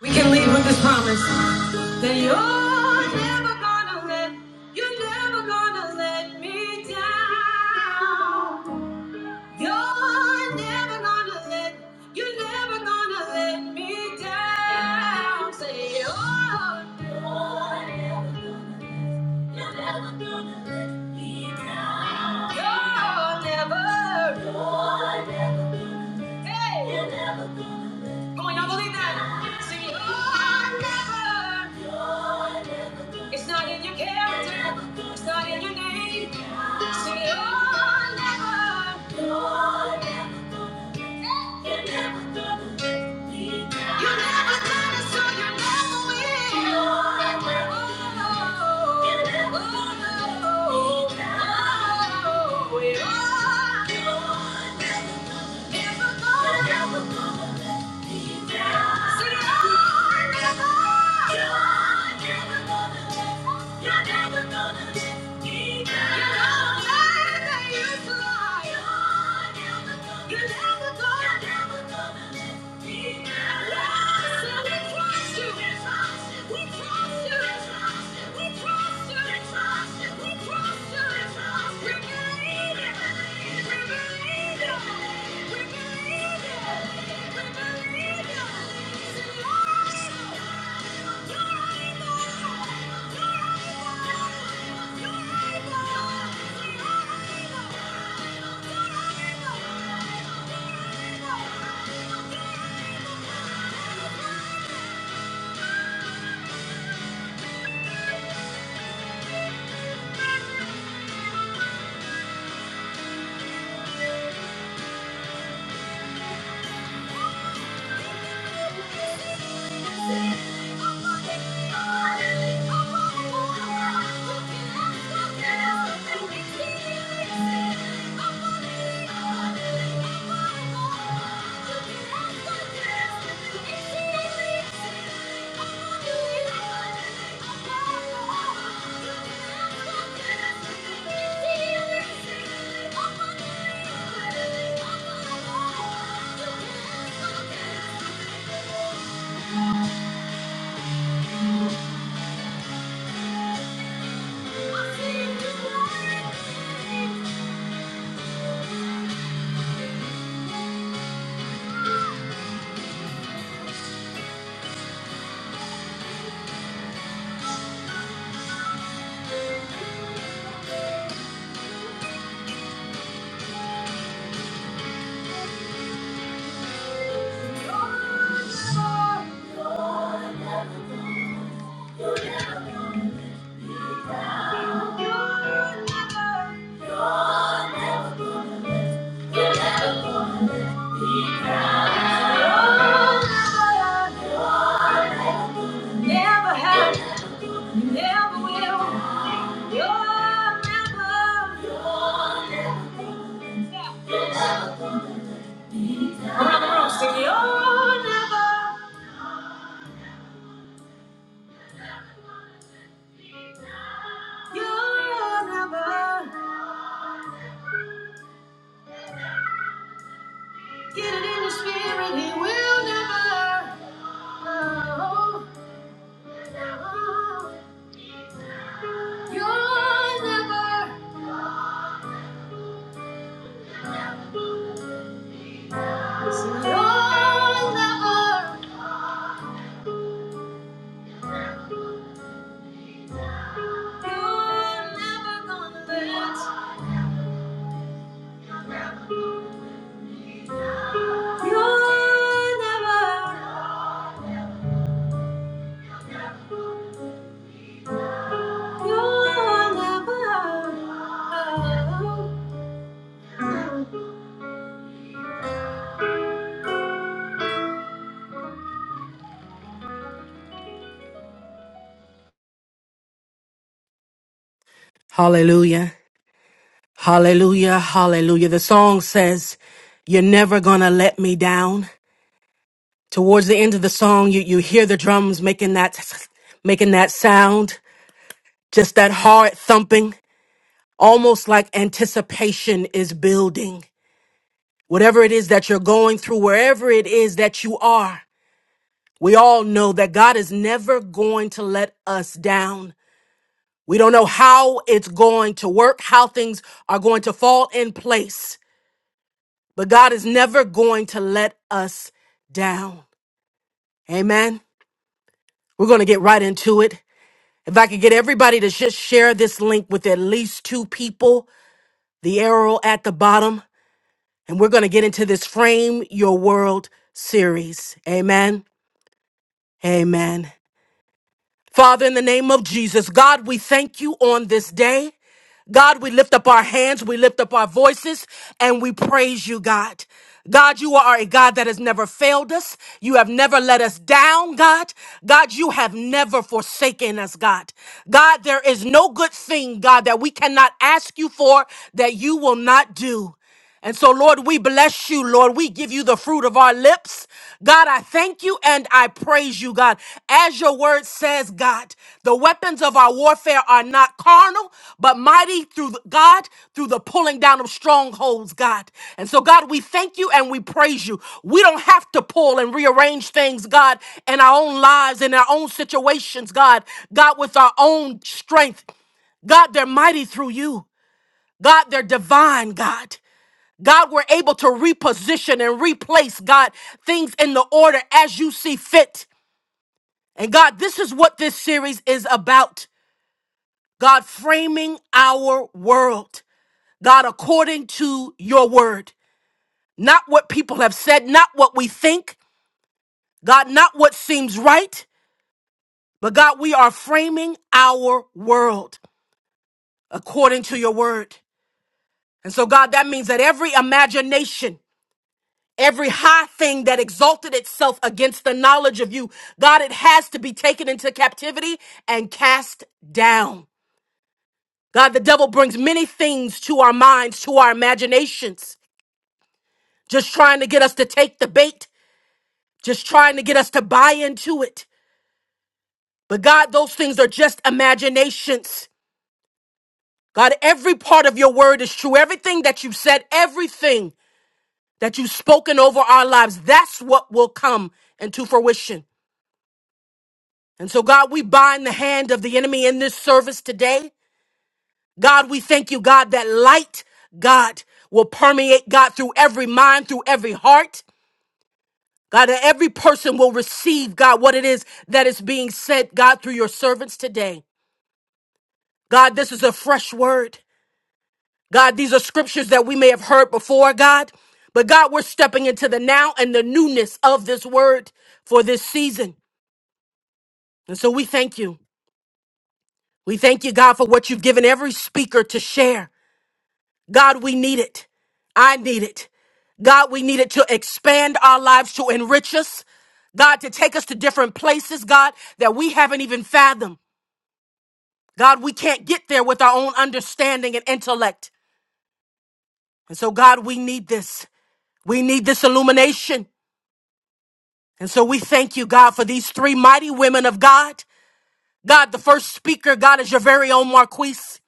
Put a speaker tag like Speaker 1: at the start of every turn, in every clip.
Speaker 1: We can leave with this promise that you're never gonna let, you're never gonna let me down. You're never gonna let, you're never gonna let me down. Say you're, you're never, you're never gonna let me down. You're never, you're never, hey, you're never Come on, y'all believe that. Sing it. You're never. It's not in your character. It's not in your name. Sing it. You're never. You're never gonna be down. You never gonna. so you never will. You're never. Oh, You're never oh, gonna be down. oh, oh, oh, oh. You're never gonna- You're never gonna we believe it. We believe remain. Thank you. You're evil. You're evil. You're evil. Thank you. Never had, never will. You're never. Around the room, sticky. Oh, never, you'll never get it in the spirit. He will never. Oh, oh, you'll never.
Speaker 2: Hallelujah. Hallelujah. Hallelujah. The song says, You're never gonna let me down. Towards the end of the song, you, you hear the drums making that making that sound, just that hard thumping, almost like anticipation is building. Whatever it is that you're going through, wherever it is that you are, we all know that God is never going to let us down. We don't know how it's going to work, how things are going to fall in place. But God is never going to let us down. Amen. We're going to get right into it. If I could get everybody to just share this link with at least two people, the arrow at the bottom, and we're going to get into this Frame Your World series. Amen. Amen. Father, in the name of Jesus, God, we thank you on this day. God, we lift up our hands, we lift up our voices, and we praise you, God. God, you are a God that has never failed us. You have never let us down, God. God, you have never forsaken us, God. God, there is no good thing, God, that we cannot ask you for that you will not do. And so, Lord, we bless you, Lord. We give you the fruit of our lips. God, I thank you and I praise you, God. As your word says, God, the weapons of our warfare are not carnal, but mighty through the- God, through the pulling down of strongholds, God. And so, God, we thank you and we praise you. We don't have to pull and rearrange things, God, in our own lives, in our own situations, God, God, with our own strength. God, they're mighty through you. God, they're divine, God. God, we're able to reposition and replace, God, things in the order as you see fit. And God, this is what this series is about. God, framing our world, God, according to your word. Not what people have said, not what we think, God, not what seems right, but God, we are framing our world according to your word. And so, God, that means that every imagination, Every high thing that exalted itself against the knowledge of you, God, it has to be taken into captivity and cast down. God, the devil brings many things to our minds, to our imaginations, just trying to get us to take the bait, just trying to get us to buy into it. But God, those things are just imaginations. God, every part of your word is true. Everything that you've said, everything that you've spoken over our lives, that's what will come into fruition. And so, God, we bind the hand of the enemy in this service today. God, we thank you, God, that light, God, will permeate, God, through every mind, through every heart. God, that every person will receive, God, what it is that is being said, God, through your servants today. God, this is a fresh word. God, these are scriptures that we may have heard before, God. But God, we're stepping into the now and the newness of this word for this season. And so we thank you. We thank you, God, for what you've given every speaker to share. God, we need it. I need it. God, we need it to expand our lives, to enrich us. God, to take us to different places, God, that we haven't even fathomed. God, we can't get there with our own understanding and intellect. And so, God, we need this. We need this illumination. And so we thank you, God, for these three mighty women of God. God, the first speaker, God, is your very own Marquise.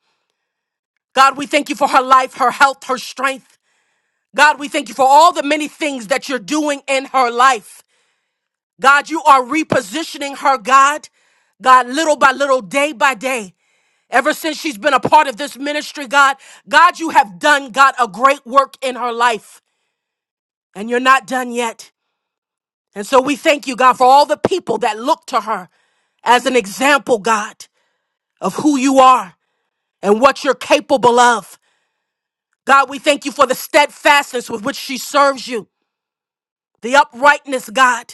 Speaker 2: God, we thank you for her life, her health, her strength. God, we thank you for all the many things that you're doing in her life. God, you are repositioning her, God. God, little by little, day by day, ever since she's been a part of this ministry, God, God, you have done, God, a great work in her life, and you're not done yet. And so we thank you, God, for all the people that look to her as an example, God, of who you are and what you're capable of. God, we thank you for the steadfastness with which she serves you, the uprightness, God,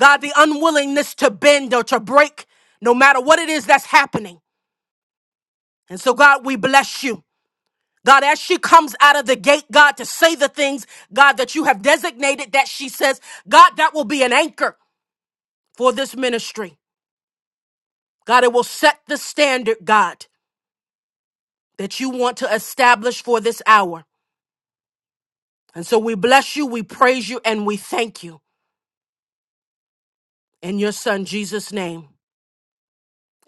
Speaker 2: God, the unwillingness to bend or to break, no matter what it is that's happening. And so, God, we bless you. God, as she comes out of the gate, God, to say the things, God, that you have designated that she says, God, that will be an anchor for this ministry. God, it will set the standard, God, that you want to establish for this hour. And so we bless you, we praise you, and we thank you in your son Jesus' name.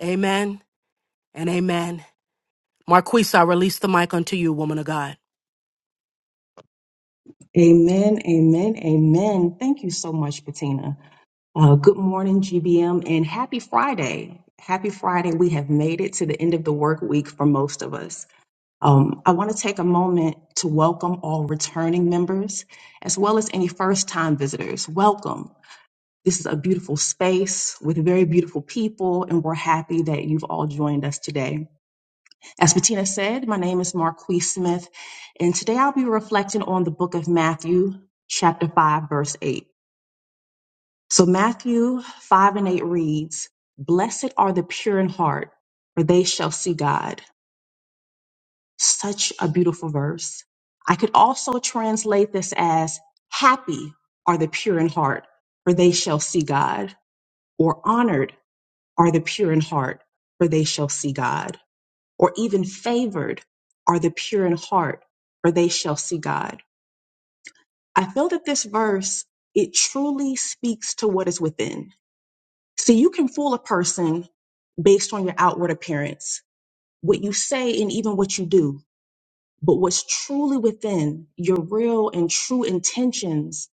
Speaker 2: Amen and amen. Marquise, I release the mic unto you, woman of God.
Speaker 3: Amen, amen, amen. Thank you so much, Bettina. Uh, good morning, GBM, and happy Friday. Happy Friday. We have made it to the end of the work week for most of us. Um, I want to take a moment to welcome all returning members, as well as any first time visitors. Welcome. This is a beautiful space with very beautiful people, and we're happy that you've all joined us today. As Bettina said, my name is Marquis Smith, and today I'll be reflecting on the book of Matthew, chapter 5, verse 8. So, Matthew 5 and 8 reads, Blessed are the pure in heart, for they shall see God. Such a beautiful verse. I could also translate this as, Happy are the pure in heart, for they shall see God, or honored are the pure in heart, for they shall see God. or even favored are the pure in heart, for they shall see God. I feel that this verse, it truly speaks to what is within. See, you can fool a person based on your outward appearance, what you say and even what you do, but what's truly within, your real and true intentions,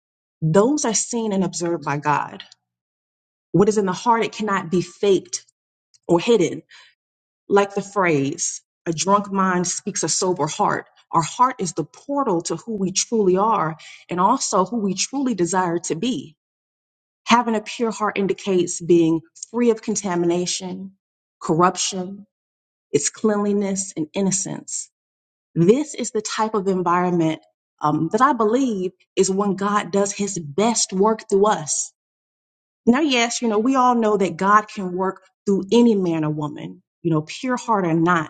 Speaker 3: those are seen and observed by God. What is in the heart, it cannot be faked or hidden. like the phrase, a drunk mind speaks a sober heart. Our heart is the portal to who we truly are and also who we truly desire to be. Having a pure heart indicates being free of contamination, corruption, its cleanliness, and innocence. This is the type of environment um, that I believe is when God does his best work through us. Now, yes, you know, we all know that God can work through any man or woman, you know, pure heart or not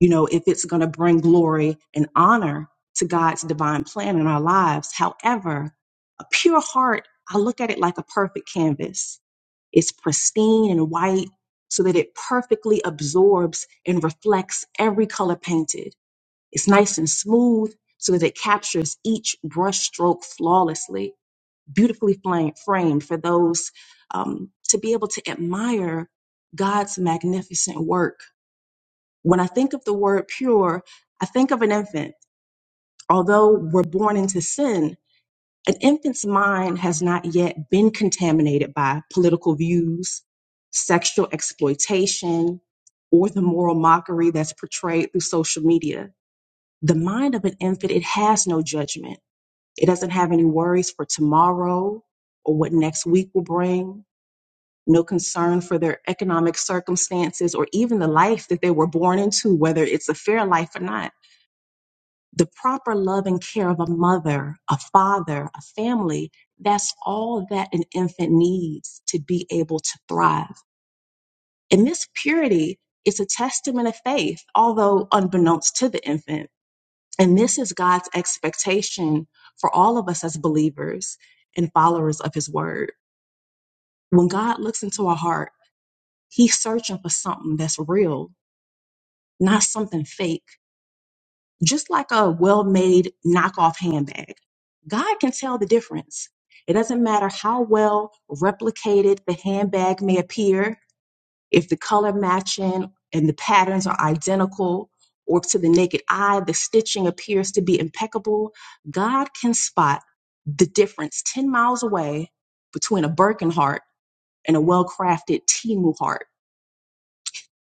Speaker 3: you know, if it's going to bring glory and honor to God's divine plan in our lives. However, a pure heart, I look at it like a perfect canvas. It's pristine and white so that it perfectly absorbs and reflects every color painted. It's nice and smooth so that it captures each brush stroke flawlessly, beautifully fla- framed for those um, to be able to admire God's magnificent work when I think of the word pure, I think of an infant. Although we're born into sin, an infant's mind has not yet been contaminated by political views, sexual exploitation, or the moral mockery that's portrayed through social media. The mind of an infant, it has no judgment. It doesn't have any worries for tomorrow or what next week will bring, no concern for their economic circumstances or even the life that they were born into, whether it's a fair life or not the proper love and care of a mother, a father, a family, that's all that an infant needs to be able to thrive. And this purity is a testament of faith, although unbeknownst to the infant. And this is God's expectation for all of us as believers and followers of his word. When God looks into our heart, he's searching for something that's real, not something fake just like a well made knockoff handbag. God can tell the difference. It doesn't matter how well replicated the handbag may appear, if the color matching and the patterns are identical, or to the naked eye, the stitching appears to be impeccable. God can spot the difference 10 miles away between a Birkenhart and a well crafted Timu heart.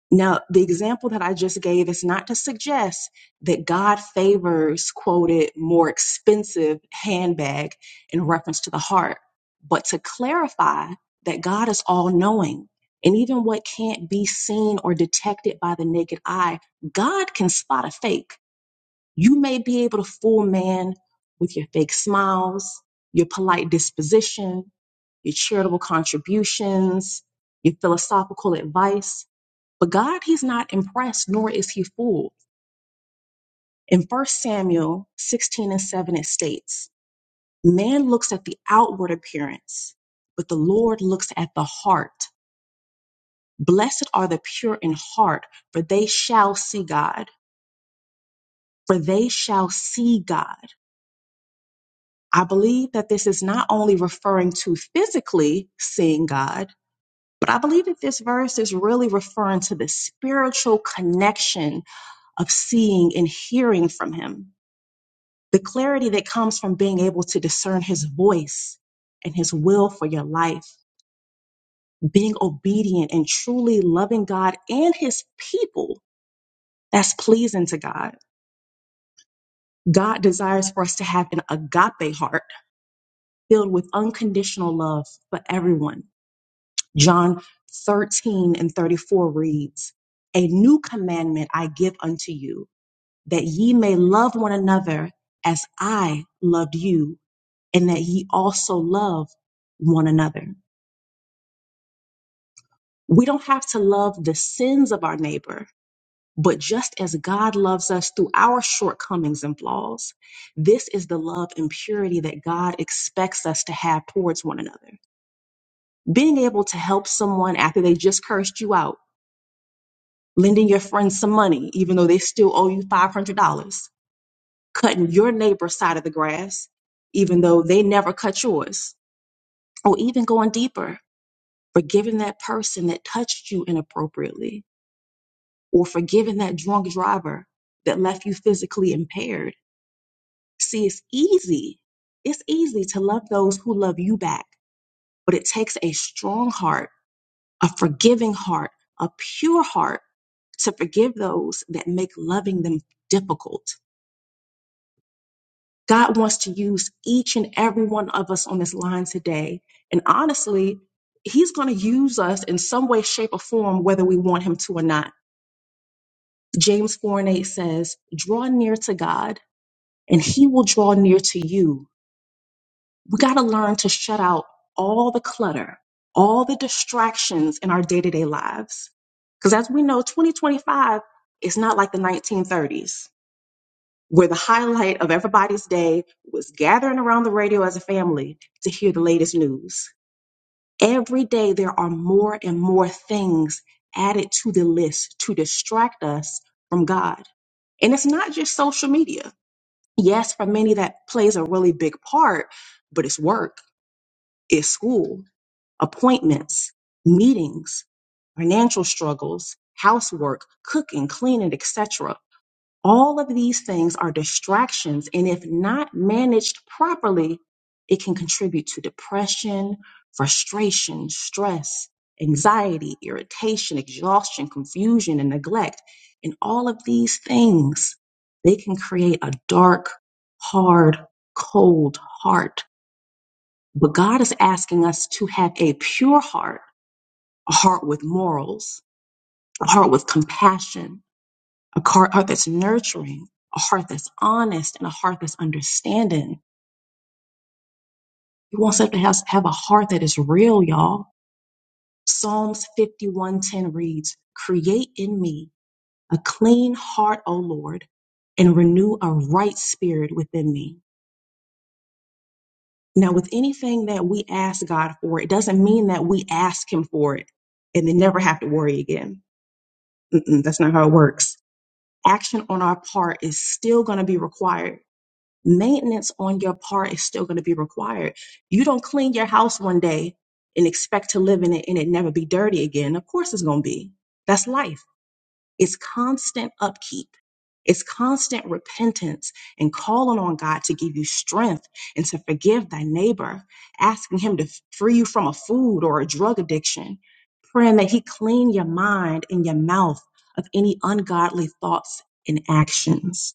Speaker 3: Now, the example that I just gave is not to suggest that God favors quoted more expensive handbag in reference to the heart, but to clarify that God is all knowing. And even what can't be seen or detected by the naked eye, God can spot a fake. You may be able to fool man with your fake smiles, your polite disposition, your charitable contributions, your philosophical advice but God, he's not impressed, nor is he fooled. In First Samuel 16 and 7, it states, Man looks at the outward appearance, but the Lord looks at the heart. Blessed are the pure in heart, for they shall see God. For they shall see God. I believe that this is not only referring to physically seeing God, but I believe that this verse is really referring to the spiritual connection of seeing and hearing from Him. the clarity that comes from being able to discern his voice and his will for your life, being obedient and truly loving God and his people. That's pleasing to God. God desires for us to have an agape heart filled with unconditional love for everyone. John 13 and 34 reads, A new commandment I give unto you, that ye may love one another as I loved you, and that ye also love one another. We don't have to love the sins of our neighbor, but just as God loves us through our shortcomings and flaws, this is the love and purity that God expects us to have towards one another. Being able to help someone after they just cursed you out, lending your friend some money, even though they still owe you $500, cutting your neighbor's side of the grass, even though they never cut yours, or even going deeper, forgiving that person that touched you inappropriately or forgiving that drunk driver that left you physically impaired. See, it's easy. It's easy to love those who love you back, but it takes a strong heart, a forgiving heart, a pure heart to forgive those that make loving them difficult. God wants to use each and every one of us on this line today. And honestly, He's going to use us in some way, shape, or form, whether we want Him to or not. James 4 and 8 says, Draw near to God and he will draw near to you. We got to learn to shut out all the clutter, all the distractions in our day to day lives. Because as we know, 2025 is not like the 1930s, where the highlight of everybody's day was gathering around the radio as a family to hear the latest news. Every day, there are more and more things added to the list to distract us from God. And it's not just social media yes, for many that plays a really big part, but it's work, it's school, appointments, meetings, financial struggles, housework, cooking, cleaning, etc. All of these things are distractions, and if not managed properly, it can contribute to depression, frustration, stress, anxiety, irritation, exhaustion, confusion, and neglect. And all of these things, they can create a dark, hard, cold heart. But God is asking us to have a pure heart, a heart with morals, a heart with compassion, a car- heart that's nurturing, a heart that's honest, and a heart that's understanding. He wants us to have, have a heart that is real, y'all. Psalms 51:10 reads, "Create in me a clean heart, O Lord, and renew a right spirit within me." Now, with anything that we ask God for, it doesn't mean that we ask Him for it and then never have to worry again. Mm-mm, that's not how it works. Action on our part is still going to be required maintenance on your part is still going to be required. You don't clean your house one day and expect to live in it and it never be dirty again. Of course, it's going to be. That's life. It's constant upkeep, it's constant repentance and calling on God to give you strength and to forgive thy neighbor, asking Him to free you from a food or a drug addiction, praying that He clean your mind and your mouth of any ungodly thoughts and actions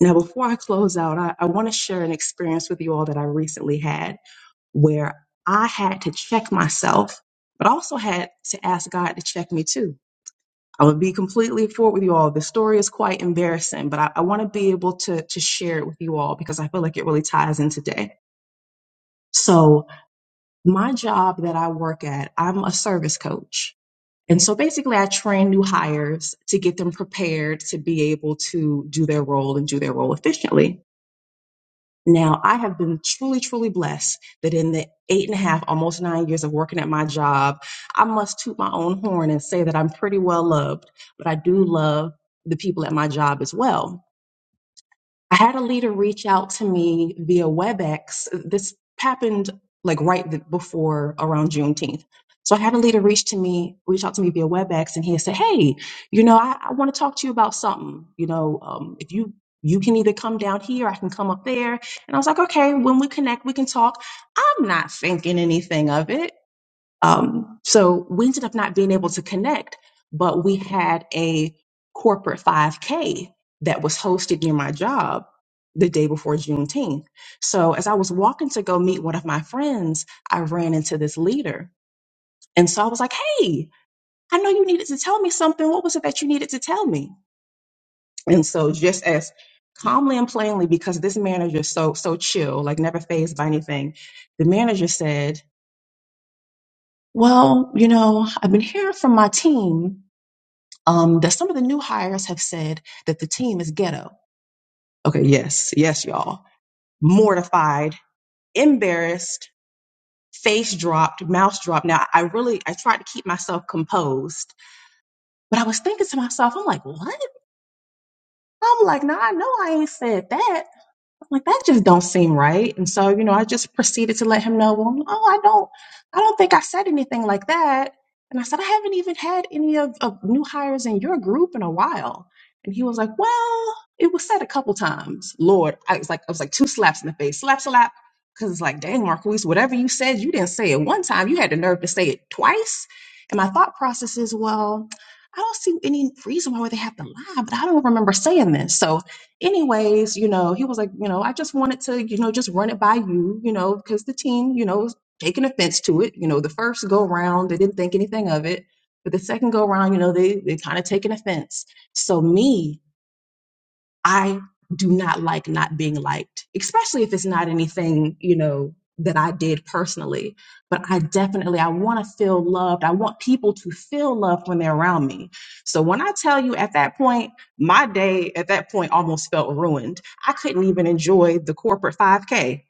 Speaker 3: now, before I close out, I, I want to share an experience with you all that I recently had where I had to check myself, but also had to ask God to check me too. I'm be completely forward with you all. The story is quite embarrassing, but I, I want to be able to, to share it with you all because I feel like it really ties in today. So, my job that I work at, I'm a service coach. And so basically, I train new hires to get them prepared to be able to do their role and do their role efficiently. Now, I have been truly, truly blessed that in the eight and a half, almost nine years of working at my job, I must toot my own horn and say that I'm pretty well loved, but I do love the people at my job as well. I had a leader reach out to me via WebEx. This happened like right th- before around Juneteenth. So I had a leader reach to me, reach out to me via WebEx, and he had said, "Hey, you know, I, I want to talk to you about something. You know, um, if you you can either come down here, I can come up there." And I was like, "Okay, when we connect, we can talk." I'm not thinking anything of it um, so we ended up not being able to connect, but we had a corporate 5K that was hosted near my job the day before Juneteenth. So as I was walking to go meet one of my friends, I ran into this leader. And so I was like, hey, I know you needed to tell me something. What was it that you needed to tell me? And so just as calmly and plainly, because this manager is so so chill, like never phased by anything, the manager said, Well, you know, I've been hearing from my team um, that some of the new hires have said that the team is ghetto. Okay, yes, yes, y'all. Mortified, embarrassed, face dropped, mouse dropped. Now, I really, I tried to keep myself composed, but I was thinking to myself, I'm like, what? I'm like, no, I know I ain't said that. I'm like that just don't seem right and so you know i just proceeded to let him know well no i don't i don't think i said anything like that and i said i haven't even had any of, of new hires in your group in a while and he was like well it was said a couple times lord i was like i was like two slaps in the face slap slap because it's like dang marquise whatever you said you didn't say it one time you had the nerve to say it twice and my thought process is well i don't see any reason why would they have to lie but i don't remember saying this so anyways, you know, he was like, you know, I just wanted to, you know, just run it by you, you know, because the team, you know, was taking offense to it. You know, the first go round, they didn't think anything of it. But the second go round, you know, they they kind of taking offense. So me, I do not like not being liked, especially if it's not anything, you know, that I did personally. But I definitely I want to feel loved. I want people to feel loved when they're around me. So when I tell you at that point, my day at that point almost felt ruined. I couldn't even enjoy the corporate 5K.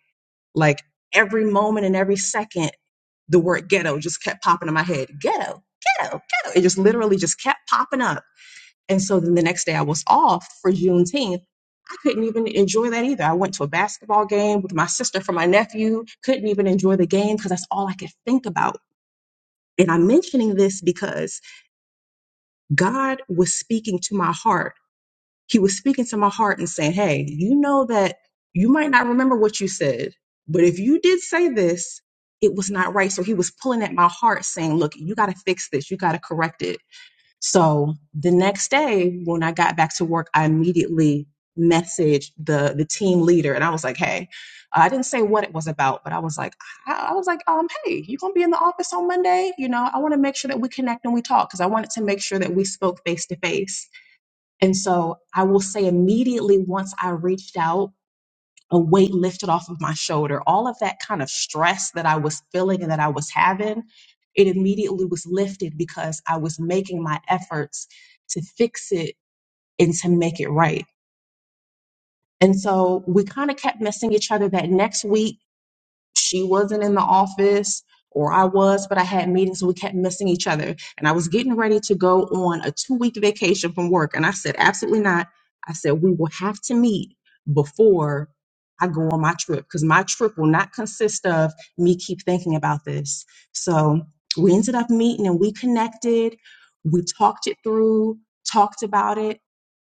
Speaker 3: Like every moment and every second, the word ghetto just kept popping in my head. Ghetto, ghetto, ghetto. It just literally just kept popping up. And so then the next day I was off for Juneteenth. I couldn't even enjoy that either. I went to a basketball game with my sister for my nephew, couldn't even enjoy the game because that's all I could think about. And I'm mentioning this because God was speaking to my heart. He was speaking to my heart and saying, Hey, you know that you might not remember what you said, but if you did say this, it was not right. So he was pulling at my heart saying, Look, you got to fix this. You got to correct it. So the next day, when I got back to work, I immediately messaged the the team leader, and I was like, "Hey," uh, I didn't say what it was about, but I was like, I, I was like, um, hey, you gonna be in the office on Monday? You know, I want to make sure that we connect and we talk because I wanted to make sure that we spoke face to face. And so I will say immediately once I reached out a weight lifted off of my shoulder. All of that kind of stress that I was feeling and that I was having, it immediately was lifted because I was making my efforts to fix it and to make it right. And so we kind of kept messing each other that next week she wasn't in the office or I was, but I had meetings so we kept missing each other. And I was getting ready to go on a two week vacation from work. And I said, absolutely not. I said, we will have to meet before I go on my trip because my trip will not consist of me keep thinking about this. So we ended up meeting and we connected. We talked it through, talked about it.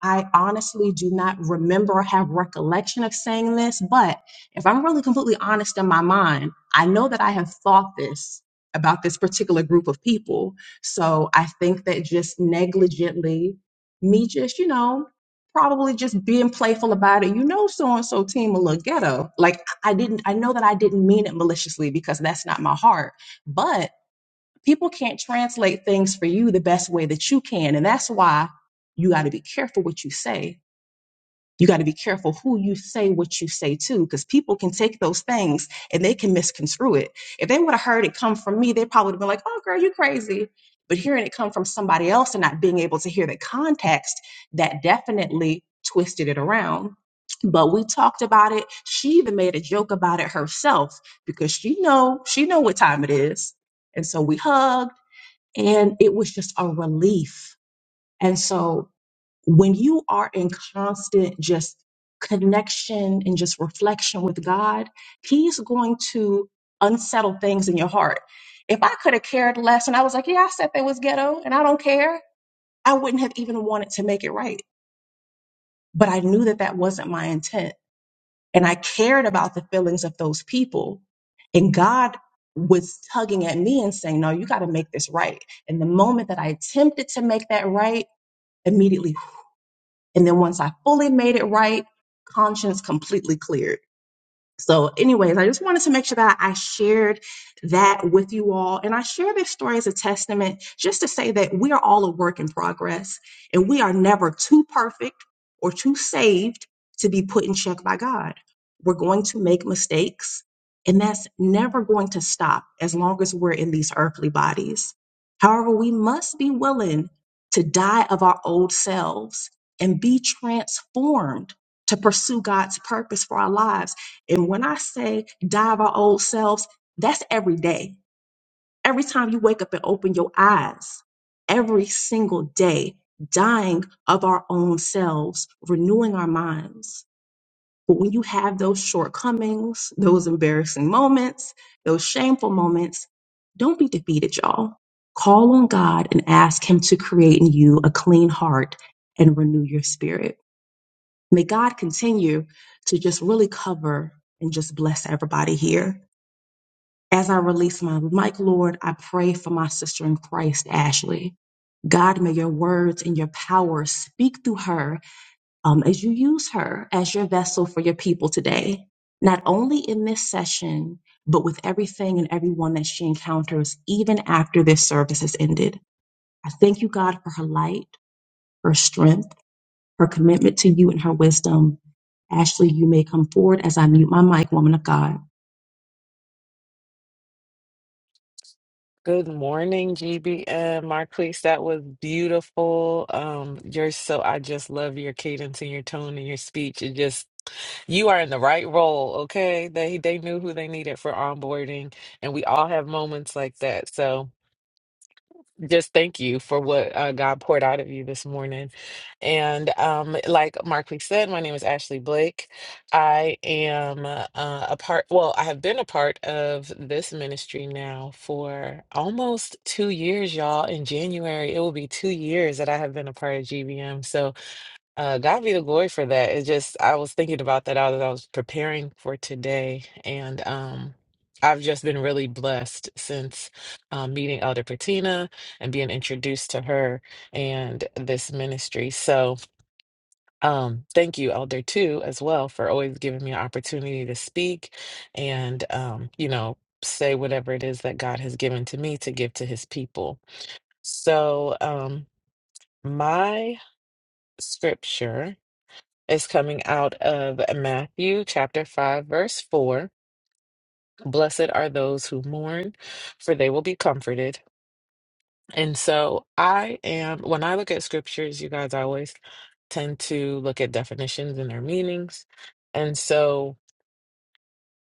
Speaker 3: I honestly do not remember or have recollection of saying this, but if I'm really completely honest in my mind, I know that I have thought this about this particular group of people. So I think that just negligently, me just, you know, probably just being playful about it, you know, so and so team a little ghetto. Like I didn't, I know that I didn't mean it maliciously because that's not my heart. But people can't translate things for you the best way that you can. And that's why you got to be careful what you say. You got to be careful who you say what you say to, because people can take those things and they can misconstrue it. If they would have heard it come from me, they probably would have been like, oh, girl, you crazy. But hearing it come from somebody else and not being able to hear the context, that definitely twisted it around. But we talked about it. She even made a joke about it herself because she know she know what time it is. And so we hugged and it was just a relief. And so when you are in constant just connection and just reflection with God, He's going to unsettle things in your heart. If I could have cared less and I was like, yeah, I said they was ghetto and I don't care, I wouldn't have even wanted to make it right. But I knew that that wasn't my intent and I cared about the feelings of those people. And God was tugging at me and saying, No, you got to make this right. And the moment that I attempted to make that right, immediately, and then once I fully made it right, conscience completely cleared. So, anyways, I just wanted to make sure that I shared that with you all. And I share this story as a testament just to say that we are all a work in progress and we are never too perfect or too saved to be put in check by God. We're going to make mistakes, and that's never going to stop as long as we're in these earthly bodies. However, we must be willing to die of our old selves and be transformed to pursue God's purpose for our lives and when I say die of our old selves, that's every day. Every time you wake up and open your eyes, every single day, dying of our own selves, renewing our minds. But when you have those shortcomings, those embarrassing moments, those shameful moments, don't be defeated, y'all. Call on God and ask Him to create in you a clean heart and renew your spirit. May God continue to just really cover and just bless everybody here. As I release my mic, Lord, I pray for my sister in Christ, Ashley. God, may your words and your power speak through her um, as you use her as your vessel for your people today, not only in this session, but with everything and everyone that she encounters, even after this service has ended. I thank you, God, for her light, her strength her commitment to you and her wisdom. Ashley, you may come forward as I mute my mic, woman of God.
Speaker 4: Good morning, GBM. Marquise, that was beautiful. Um, you're so, I just love your cadence and your tone and your speech. It just, you are in the right role, okay? They they knew who they needed for onboarding, and we all have moments like that. So just thank you for what uh, God poured out of you this morning. And um, like Markley said, my name is Ashley Blake. I am uh, a part, well, I have been a part of this ministry now for almost two years, y'all. In January, it will be two years that I have been a part of GBM. So uh, God be the glory for that. It just, I was thinking about that as I was preparing for today, and um, I've just been really blessed since um, meeting Elder Patina and being introduced to her and this ministry. So, um, thank you, Elder, too, as well, for always giving me an opportunity to speak and, um, you know, say whatever it is that God has given to me to give to his people. So, um, my scripture. It's coming out of Matthew chapter 5, verse 4. Blessed are those who mourn, for they will be comforted. And so I am, when I look at scriptures, you guys I always tend to look at definitions and their meanings. And so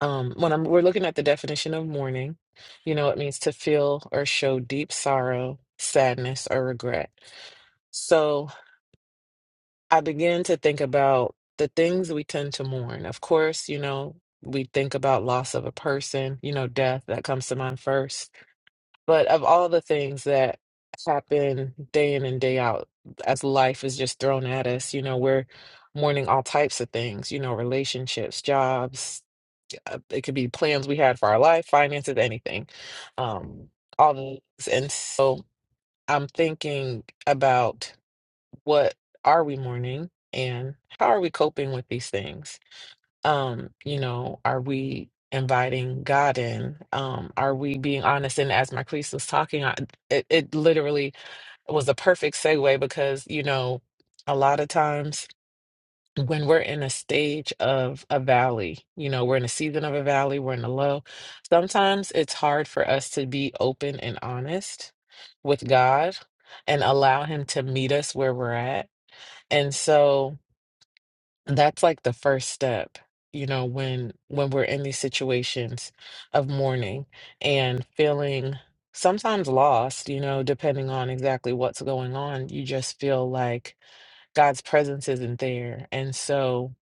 Speaker 4: um, when I'm, we're looking at the definition of mourning, you know, it means to feel or show deep sorrow, sadness, or regret. So. I began to think about the things we tend to mourn. Of course, you know, we think about loss of a person, you know, death, that comes to mind first. But of all the things that happen day in and day out, as life is just thrown at us, you know, we're mourning all types of things, you know, relationships, jobs, uh, it could be plans we had for our life, finances, anything. Um, all these. And so I'm thinking about what are we mourning and how are we coping with these things um you know are we inviting god in um are we being honest and as marquise was talking I, it, it literally was a perfect segue because you know a lot of times when we're in a stage of a valley you know we're in a season of a valley we're in a low sometimes it's hard for us to be open and honest with god and allow him to meet us where we're at and so that's like the first step, you know, when when we're in these situations of mourning and feeling sometimes lost, you know, depending on exactly what's going on, you just feel like God's presence isn't there. And so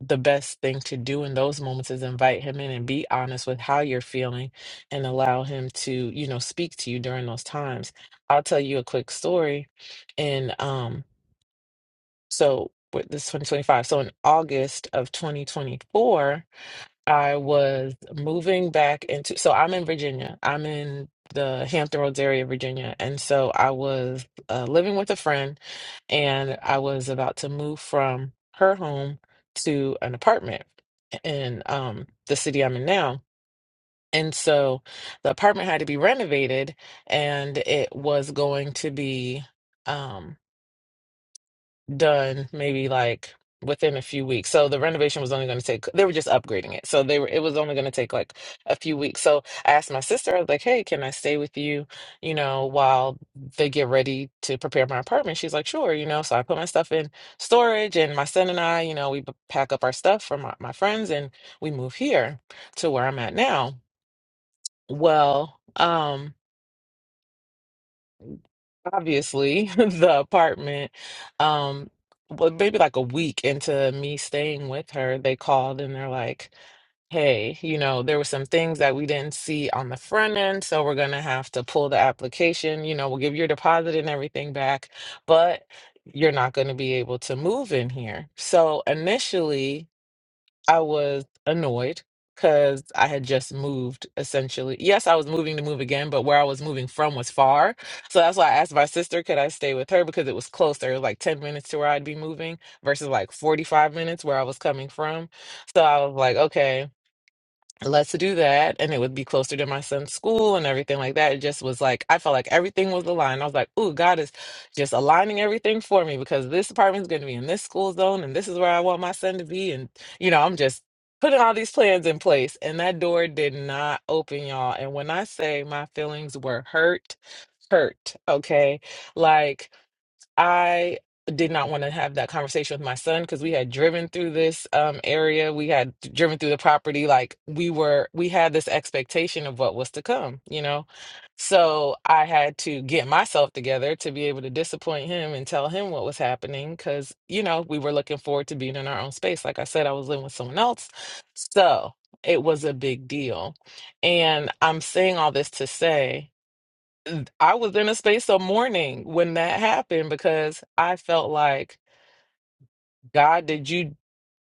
Speaker 4: the best thing to do in those moments is invite him in and be honest with how you're feeling and allow him to, you know, speak to you during those times. I'll tell you a quick story. And um so with this 2025. So in August of 2024, I was moving back into, so I'm in Virginia. I'm in the Hampton Roads area of Virginia. And so I was uh, living with a friend and I was about to move from her home to an apartment in um, the city I'm in now. And so the apartment had to be renovated and it was going to be um, done maybe like within a few weeks. So the renovation was only going to take, they were just upgrading it. So they were, it was only going to take like a few weeks. So I asked my sister, I was like, hey, can I stay with you, you know, while they get ready to prepare my apartment? She's like, sure, you know. So I put my stuff in storage and my son and I, you know, we b- pack up our stuff from my, my friends and we move here to where I'm at now. Well, um, obviously the apartment um well maybe like a week into me staying with her they called and they're like hey you know there were some things that we didn't see on the front end so we're gonna have to pull the application you know we'll give your deposit and everything back but you're not going to be able to move in here so initially I was annoyed because I had just moved essentially. Yes, I was moving to move again, but where I was moving from was far. So that's why I asked my sister, could I stay with her because it was closer, like 10 minutes to where I'd be moving versus like 45 minutes where I was coming from. So I was like, okay let's do that and it would be closer to my son's school and everything like that it just was like i felt like everything was aligned i was like "Ooh, god is just aligning everything for me because this apartment's going to be in this school zone and this is where i want my son to be and you know i'm just putting all these plans in place and that door did not open y'all and when i say my feelings were hurt hurt okay like I did not want to have that conversation with my son because we had driven through this um, area. We had driven through the property. Like we were, we had this expectation of what was to come, you know? So I had to get myself together to be able to disappoint him and tell him what was happening because, you know, we were looking forward to being in our own space. Like I said, I was living with someone else. So it was a big deal. And I'm saying all this to say, I was in a space of mourning when that happened because I felt like, God, did you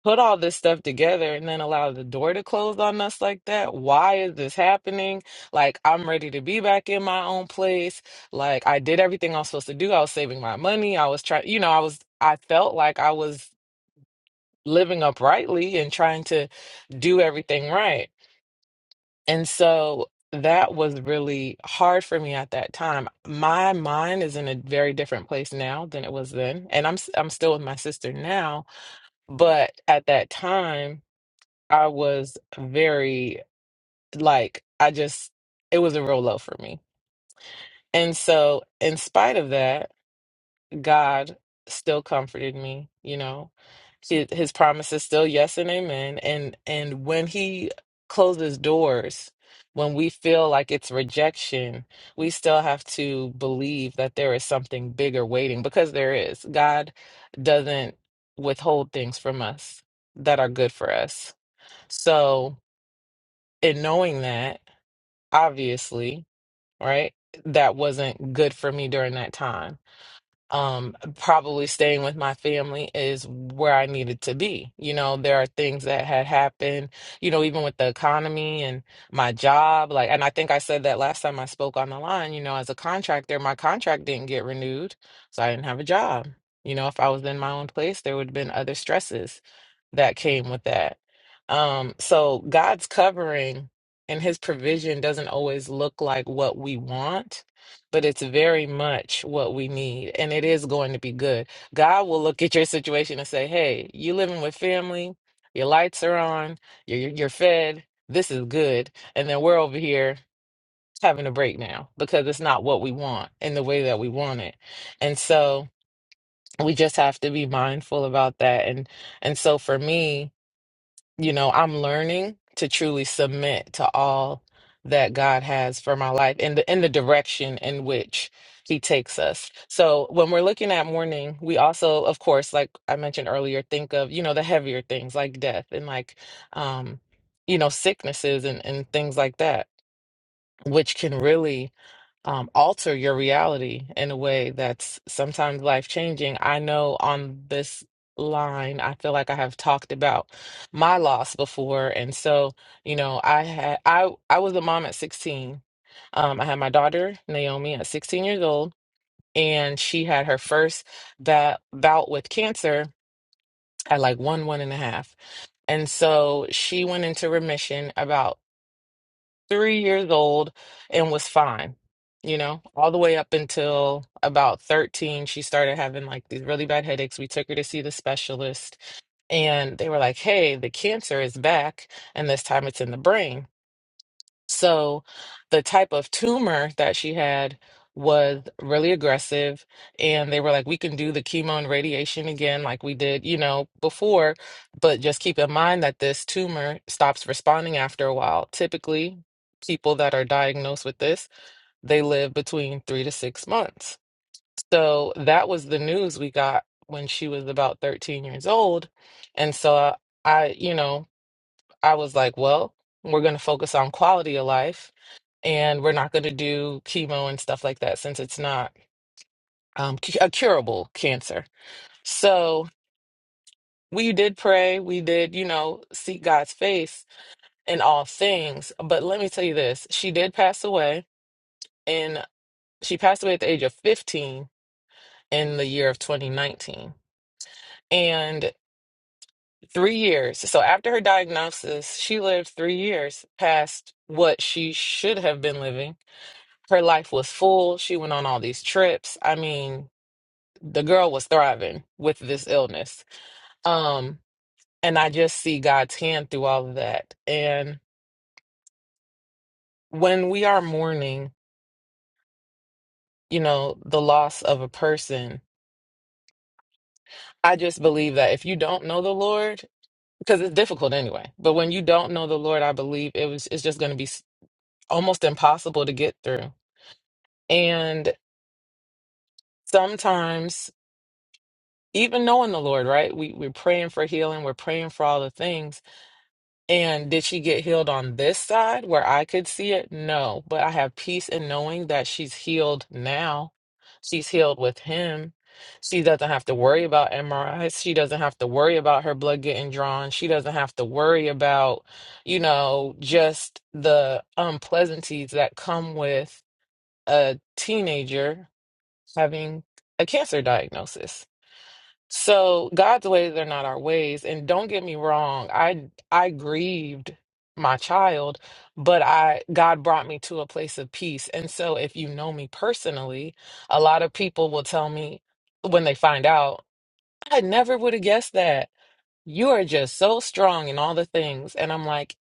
Speaker 4: put all this stuff together and then allow the door to close on us like that? Why is this happening? Like, I'm ready to be back in my own place. Like, I did everything I was supposed to do. I was saving my money. I was trying, you know, I was, I felt like I was living uprightly and trying to do everything right. And so that was really hard for me at that time. My mind is in a very different place now than it was then. And I'm s- I'm still with my sister now, but at that time I was very like I just it was a real low for me. And so in spite of that, God still comforted me, you know. His, his promise is still yes and amen. And and when he closes doors, when we feel like it's rejection, we still have to believe that there is something bigger waiting because there is. God doesn't withhold things from us that are good for us. So, in knowing that, obviously, right? That wasn't good for me during that time um probably staying with my family is where I needed to be. You know, there are things that had happened, you know, even with the economy and my job, like and I think I said that last time I spoke on the line, you know, as a contractor, my contract didn't get renewed, so I didn't have a job. You know, if I was in my own place, there would have been other stresses that came with that. Um, so God's covering and his provision doesn't always look like what we want but it's very much what we need and it is going to be good god will look at your situation and say hey you living with family your lights are on you're, you're fed this is good and then we're over here having a breakdown because it's not what we want in the way that we want it and so we just have to be mindful about that and and so for me you know, I'm learning to truly submit to all that God has for my life and the in the direction in which he takes us. So when we're looking at mourning, we also, of course, like I mentioned earlier, think of, you know, the heavier things like death and like um, you know, sicknesses and, and things like that, which can really um, alter your reality in a way that's sometimes life changing. I know on this line, I feel like I have talked about my loss before, and so you know, I had I I was a mom at 16. Um, I had my daughter Naomi at 16 years old, and she had her first ba- bout with cancer at like one one and a half, and so she went into remission about three years old and was fine, you know, all the way up until about 13. She started having like these really bad headaches. We took her to see the specialist, and they were like, hey, the cancer is back, and this time it's in the brain. So the type of tumor that she had was really aggressive. And they were like, we can do the chemo and radiation again, like we did, you know, before. But just keep in mind that this tumor stops responding after a while. Typically, people that are diagnosed with this, they live between three to six months. So that was the news we got when she was about 13 years old. And so I, I, you know, I was like, well, we're going to focus on quality of life and we're not going to do chemo and stuff like that since it's not um, cu- a curable cancer. So we did pray, we did, you know, seek God's face in all things. But let me tell you this she did pass away, and she passed away at the age of 15 in the year of 2019. And three years. So after her diagnosis, she lived three years past what she should have been living. Her life was full. She went on all these trips. I mean, the girl was thriving with this illness. Um, and I just see God's hand through all of that. And when we are mourning, you know, the loss of a person, I just believe that if you don't know the Lord, because it's difficult anyway, but when you don't know the Lord, I believe it was it's just going to be s- almost impossible to get through. And sometimes even knowing the Lord, right? We we're praying for healing, we're praying for all the things, And did she get healed on this side where I could see it? No, but I have peace in knowing that she's healed now. She's healed with him. She doesn't have to worry about MRIs. She doesn't have to worry about her blood getting drawn. She doesn't have to worry about, you know, just the unpleasantries that come with a teenager having a cancer diagnosis. So God's ways are not our ways. And don't get me wrong, I I grieved my child, but I God brought me to a place of peace. And so if you know me personally, a lot of people will tell me when they find out, I never would have guessed that. You are just so strong in all the things. And I'm like,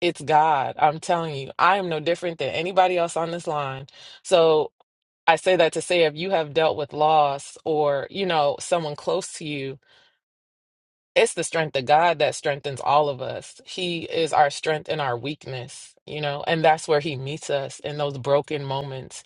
Speaker 4: it's God. I'm telling you, I am no different than anybody else on this line. So I say that to say if you have dealt with loss or, you know, someone close to you, it's the strength of God that strengthens all of us. He is our strength and our weakness, you know, and that's where He meets us in those broken moments,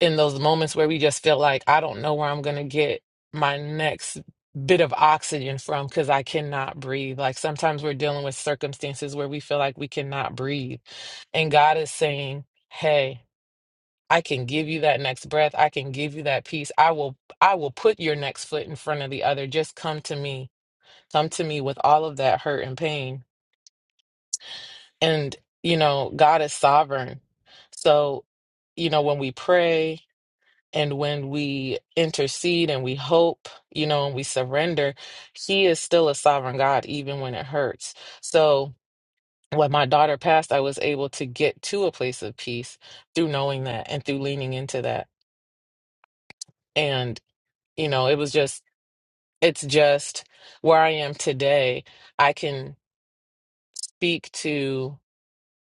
Speaker 4: in those moments where we just feel like, I don't know where I'm going to get my next bit of oxygen from because I cannot breathe. Like sometimes we're dealing with circumstances where we feel like we cannot breathe. And God is saying, Hey, I can give you that next breath. I can give you that peace. I will I will put your next foot in front of the other. Just come to me come to me with all of that hurt and pain. And, you know, God is sovereign. So, you know, when we pray and when we intercede and we hope, you know, and we surrender, He is still a sovereign God, even when it hurts. So, when my daughter passed, I was able to get to a place of peace through knowing that and through leaning into that. And, you know, it was just, it's just where I am today. I can speak to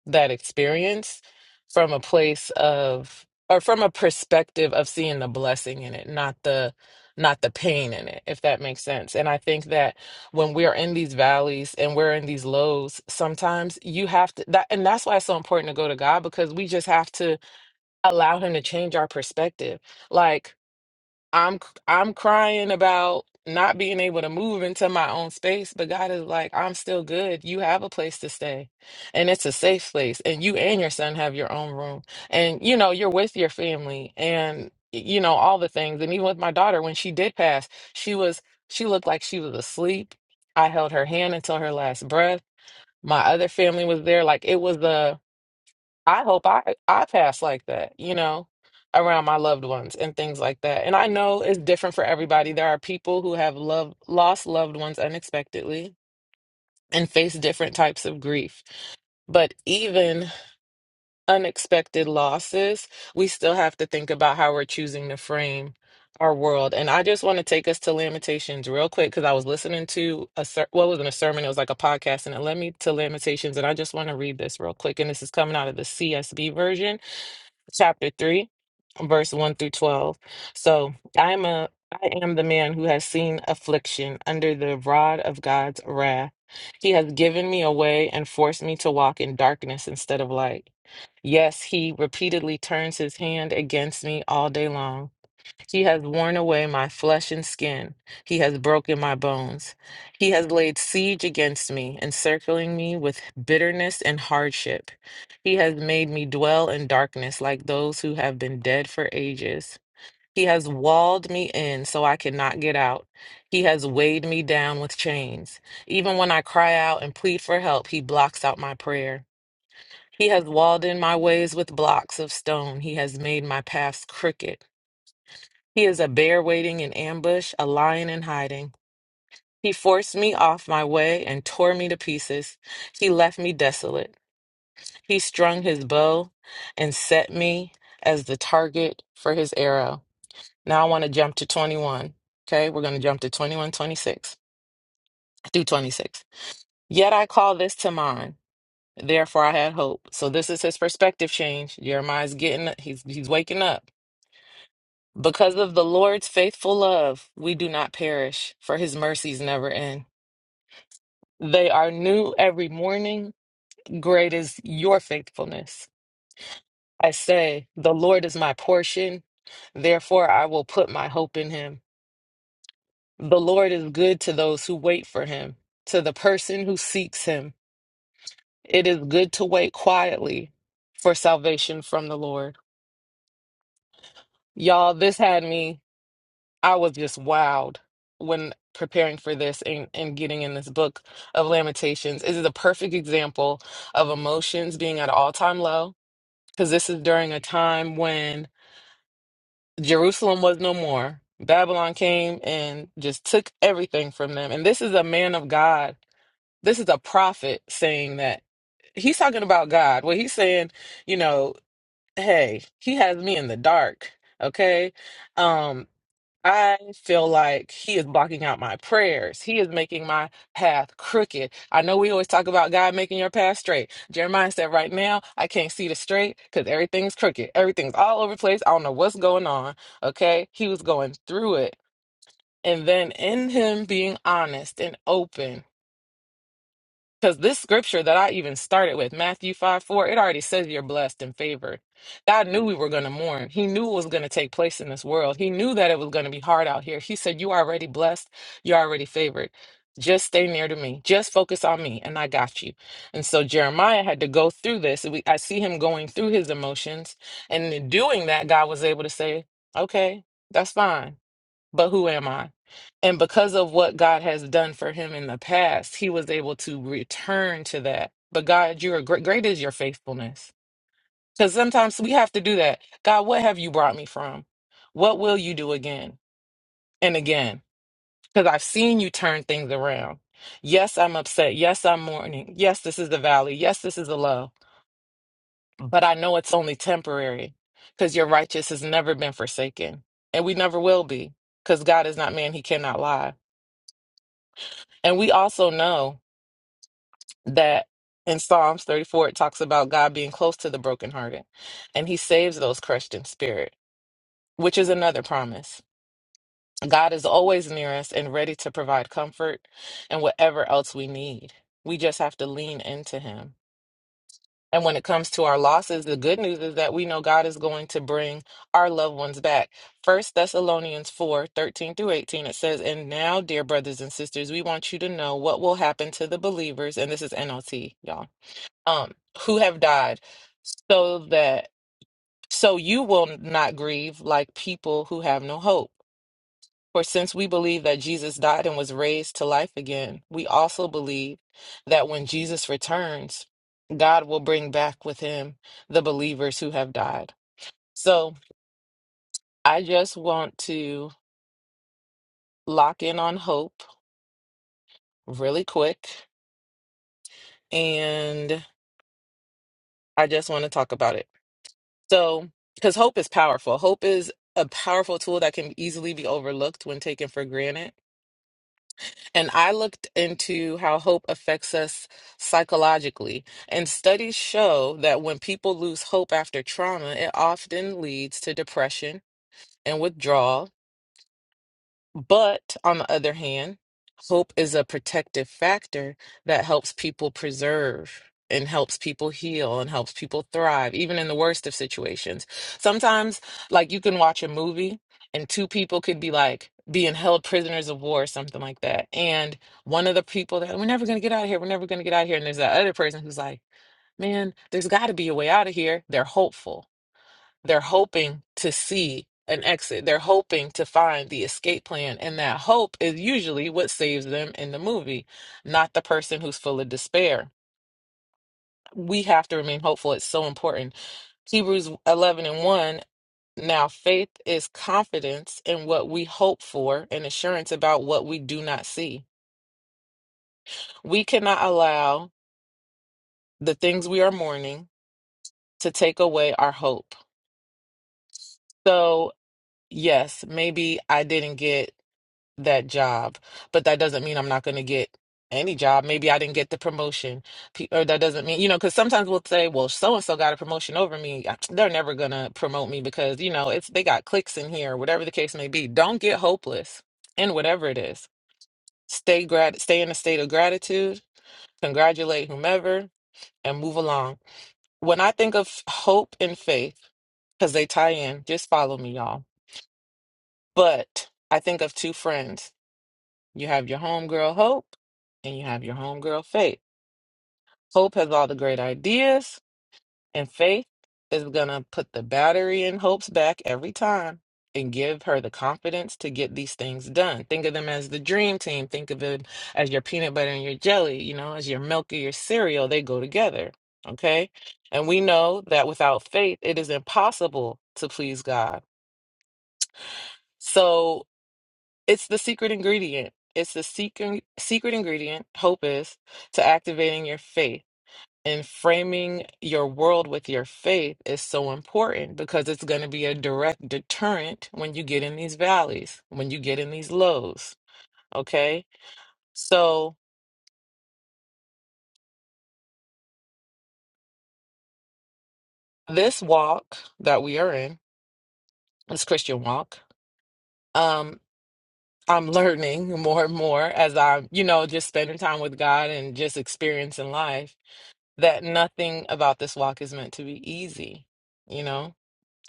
Speaker 4: that experience from a place of or from a perspective of seeing the blessing in it not the not the pain in it if that makes sense and i think that when we're in these valleys and we're in these lows sometimes you have to that and that's why it's so important to go to god because we just have to allow him to change our perspective like I'm i I'm crying about not being able to move into my own space, but God is like, I'm still good. You have a place to stay, and it's a safe place. And you and your son have your own room, and you know you're with your family, and y- you know all the things. And even with my daughter, when she did pass, she was she looked like she was asleep. I held her hand until her last breath. My other family was there, like it was the I hope I I pass like that, you know, around my loved ones and things like that. And I know it's different for everybody. There are people who have love lost loved ones unexpectedly and face different types of grief. But even unexpected losses, we still have to think about how we're choosing to frame our world. And I just want to take us to Lamentations real quick because I was listening to a ser- well, it wasn't a sermon, it was like a podcast, and it led me to Lamentations. And I just want to read this real quick. And this is coming out of the CSB version chapter 3 verse 1 through 12 so i am a i am the man who has seen affliction under the rod of god's wrath he has given me away and forced me to walk in darkness instead of light yes he repeatedly turns his hand against me all day long he has worn away my flesh and skin. He has broken my bones. He has laid siege against me, encircling me with bitterness and hardship. He has made me dwell in darkness like those who have been dead for ages. He has walled me in so I cannot get out. He has weighed me down with chains. Even when I cry out and plead for help, he blocks out my prayer. He has walled in my ways with blocks of stone. He has made my paths crooked. He is a bear waiting in ambush, a lion in hiding. He forced me off my way and tore me to pieces. He left me desolate. He strung his bow and set me as the target for his arrow. Now I want to jump to 21. Okay, we're going to jump to twenty-one, twenty-six. 26 through 26. Yet I call this to mind. Therefore I had hope. So this is his perspective change. Jeremiah's getting he's he's waking up. Because of the Lord's faithful love, we do not perish, for his mercies never end. They are new every morning. Great is your faithfulness. I say, The Lord is my portion. Therefore, I will put my hope in him. The Lord is good to those who wait for him, to the person who seeks him. It is good to wait quietly for salvation from the Lord. Y'all, this had me. I was just wowed when preparing for this and, and getting in this book of Lamentations. It is a perfect example of emotions being at an all-time low, because this is during a time when Jerusalem was no more. Babylon came and just took everything from them. And this is a man of God. This is a prophet saying that he's talking about God. Well, he's saying, you know, hey, he has me in the dark. Okay. Um, I feel like he is blocking out my prayers. He is making my path crooked. I know we always talk about God making your path straight. Jeremiah said, Right now, I can't see the straight because everything's crooked. Everything's all over the place. I don't know what's going on. Okay. He was going through it. And then in him being honest and open because this scripture that I even started with, Matthew 5 4, it already says you're blessed and favored. God knew we were going to mourn. He knew it was going to take place in this world. He knew that it was going to be hard out here. He said, You're already blessed. You're already favored. Just stay near to me. Just focus on me, and I got you. And so Jeremiah had to go through this. We, I see him going through his emotions. And in doing that, God was able to say, Okay, that's fine but who am I? And because of what God has done for him in the past, he was able to return to that. But God, you're great, great is your faithfulness. Because sometimes we have to do that. God, what have you brought me from? What will you do again and again? Because I've seen you turn things around. Yes, I'm upset. Yes, I'm mourning. Yes, this is the valley. Yes, this is the low. But I know it's only temporary because your righteous has never been forsaken. And we never will be because God is not man. He cannot lie. And we also know that in Psalms 34, it talks about God being close to the brokenhearted and he saves those crushed in spirit, which is another promise. God is always near us and ready to provide comfort and whatever else we need. We just have to lean into him. And when it comes to our losses, the good news is that we know God is going to bring our loved ones back. First Thessalonians 4 13 through 18, it says, And now, dear brothers and sisters, we want you to know what will happen to the believers, and this is NLT, y'all, um, who have died, so that so you will not grieve like people who have no hope. For since we believe that Jesus died and was raised to life again, we also believe that when Jesus returns, God will bring back with him the believers who have died. So I just want to lock in on hope really quick. And I just want to talk about it. So, because hope is powerful, hope is a powerful tool that can easily be overlooked when taken for granted. And I looked into how hope affects us psychologically. And studies show that when people lose hope after trauma, it often leads to depression and withdrawal but on the other hand, hope is a protective factor that helps people preserve and helps people heal and helps people thrive, even in the worst of situations. Sometimes, like, you can watch a movie and two people could be like being held prisoners of war or something like that. And one of the people that we're never going to get out of here, we're never going to get out of here. And there's that other person who's like, man, there's got to be a way out of here. They're hopeful they're hoping to see an exit. They're hoping to find the escape plan. And that hope is usually what saves them in the movie, not the person who's full of despair. We have to remain hopeful. It's so important. Hebrews 11 and 1. Now, faith is confidence in what we hope for and assurance about what we do not see. We cannot allow the things we are mourning to take away our hope. So, yes, maybe I didn't get. that job, but that doesn't mean I'm not going to get any job. Maybe I didn't get the promotion, Pe- or that doesn't mean, you know, because sometimes we'll say, well, so and so got a promotion over me. I- They're never going to promote me because, you know, it's they got clicks in here, whatever the case may be. Don't get hopeless in whatever it is. Stay grat, stay in a state of gratitude, congratulate whomever, and move along. When I think of hope and faith, because they tie in, just follow me, y'all. But I think of two friends You have your homegirl Hope and you have your homegirl Faith. Hope has all the great ideas, and Faith is going to put the battery in Hope's back every time and give her the confidence to get these things done. Think of them as the dream team. Think of it as your peanut butter and your jelly, you know, as your milk or your cereal. They go together. Okay. And we know that without faith, it is impossible to please God. So It's the secret ingredient. It's the secret secret ingredient, hope is, to activating your faith. And framing your world with your faith is so important because it's going to be a direct deterrent when you get in these valleys, when you get in these lows. Okay? So, this walk that we are in, this Christian walk, um I'm learning more and more as I'm, you know, just spending time with God and just experiencing life that nothing about this walk is meant to be easy. You know,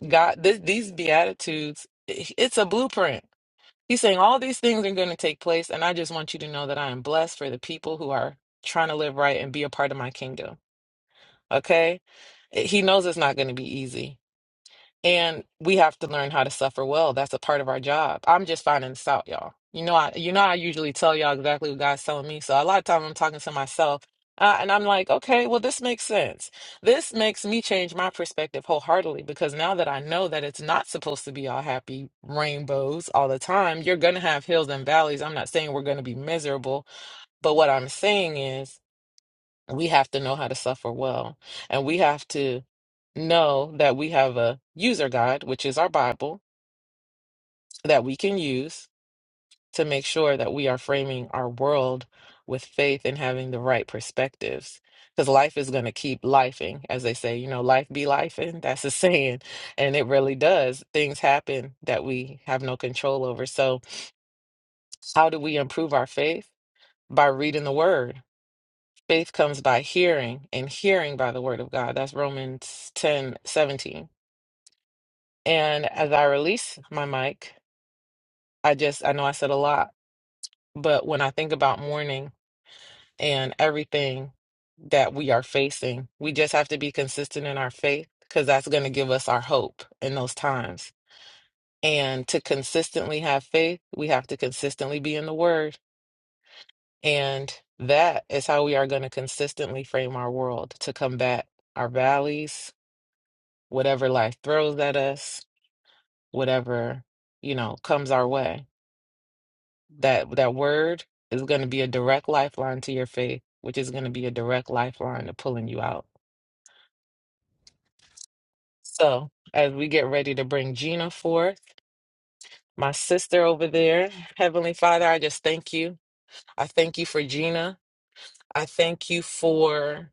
Speaker 4: God, this, these Beatitudes, i- it's a blueprint. He's saying all these things are going to take place. And I just want you to know that I am blessed for the people who are trying to live right and be a part of my kingdom. Okay. Eh, He knows it's not going to be easy and we have to learn how to suffer well. That's a part of our job. I'm just finding this out, y'all. You know, I you know I usually tell y'all exactly what God's telling me. So a lot of time I'm talking to myself, uh, and I'm like, okay, well this makes sense. This makes me change my perspective wholeheartedly because now that I know that it's not supposed to be all happy rainbows all the time, you're gonna have hills and valleys. I'm not saying we're gonna be miserable, but what I'm saying is we have to know how to suffer well. And we have to know that we have a user guide, which is our Bible, that we can use to make sure that we are framing our world with faith and having the right perspectives. Because life is going to keep lifing, as they say, you know, life be lifing. That's a saying. And it really does. Things happen that we have no control over. So, how do we improve our faith? By reading the word Faith comes by hearing, and hearing by the word of God. That's Romans 10 17. And as I release my mic, I just, I know I said a lot, but when I think about mourning and everything that we are facing, we just have to be consistent in our faith because that's going to give us our hope in those times. And to consistently have faith, we have to consistently be in the word. And that is how we are going to consistently frame our world to combat our valleys whatever life throws at us, whatever, you know, comes our way. That that word is going to be a direct lifeline to your faith, which is going to be a direct lifeline to pulling you out. So, as we get ready to bring Gina forth, my sister over there, Heavenly Father, I just thank you. I thank you for Gina. I thank you for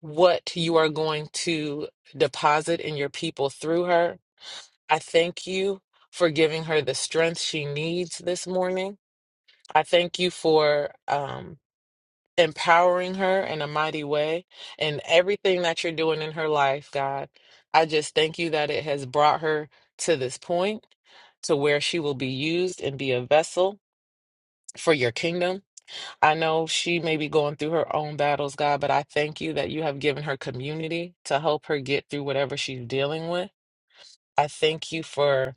Speaker 4: what you are going to deposit in your people through her. I thank you for giving her the strength she needs this morning. I thank you for um, empowering her in a mighty way and everything that you're doing in her life, God. I just thank you that it has brought her to this point to where she will be used and be a vessel for your kingdom. I know she may be going through her own battles, God, but I thank you that you have given her community to help her get through whatever she's dealing with. I thank you for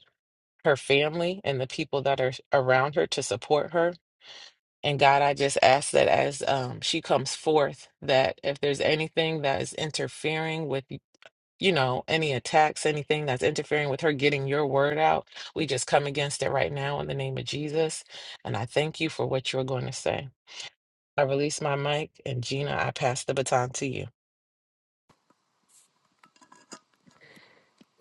Speaker 4: her family and the people that are around her to support her. And God, I just ask that as um, she comes forth, that if there's anything that is interfering with, you know, any attacks, anything that's interfering with her getting your word out, we just come against it right now in the name of Jesus. And I thank you for what you're going to say. I release my mic, and Gina, I pass the baton to you.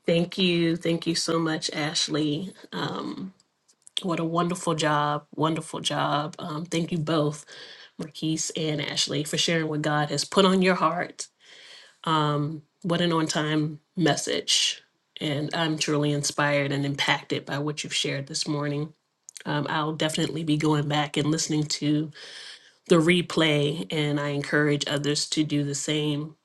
Speaker 5: Thank you. Thank you so much, Ashley. Um, what a wonderful job. Wonderful job. Um, thank you both, Marquise and Ashley, for sharing what God has put on your heart. What an on time message. And I'm truly inspired and impacted by what you've shared this morning. Um, I'll definitely be going back and listening to the replay, and I encourage others to do the same.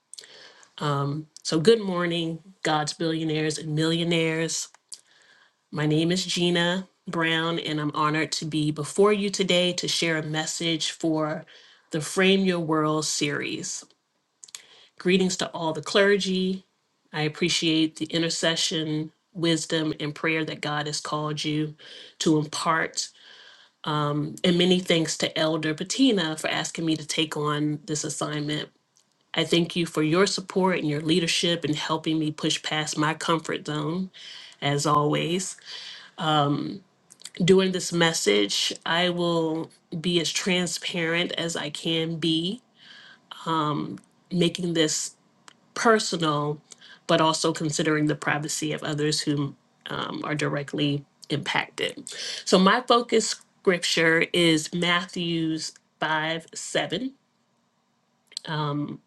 Speaker 5: So, good morning, God's billionaires and millionaires. My name is Gina Brown, and I'm honored to be before you today to share a message for the Frame Your World series. Greetings to all the clergy. I appreciate the intercession, wisdom, and prayer that God has called you to impart. And many thanks to Elder Patina for asking me to take on this assignment. I thank you for your support and your leadership in helping me push past my comfort zone, as always. during this message, I will be as transparent as I can be, making this personal, but also considering the privacy of others who um, are directly impacted. So, my focus scripture is Matthew's 5 7,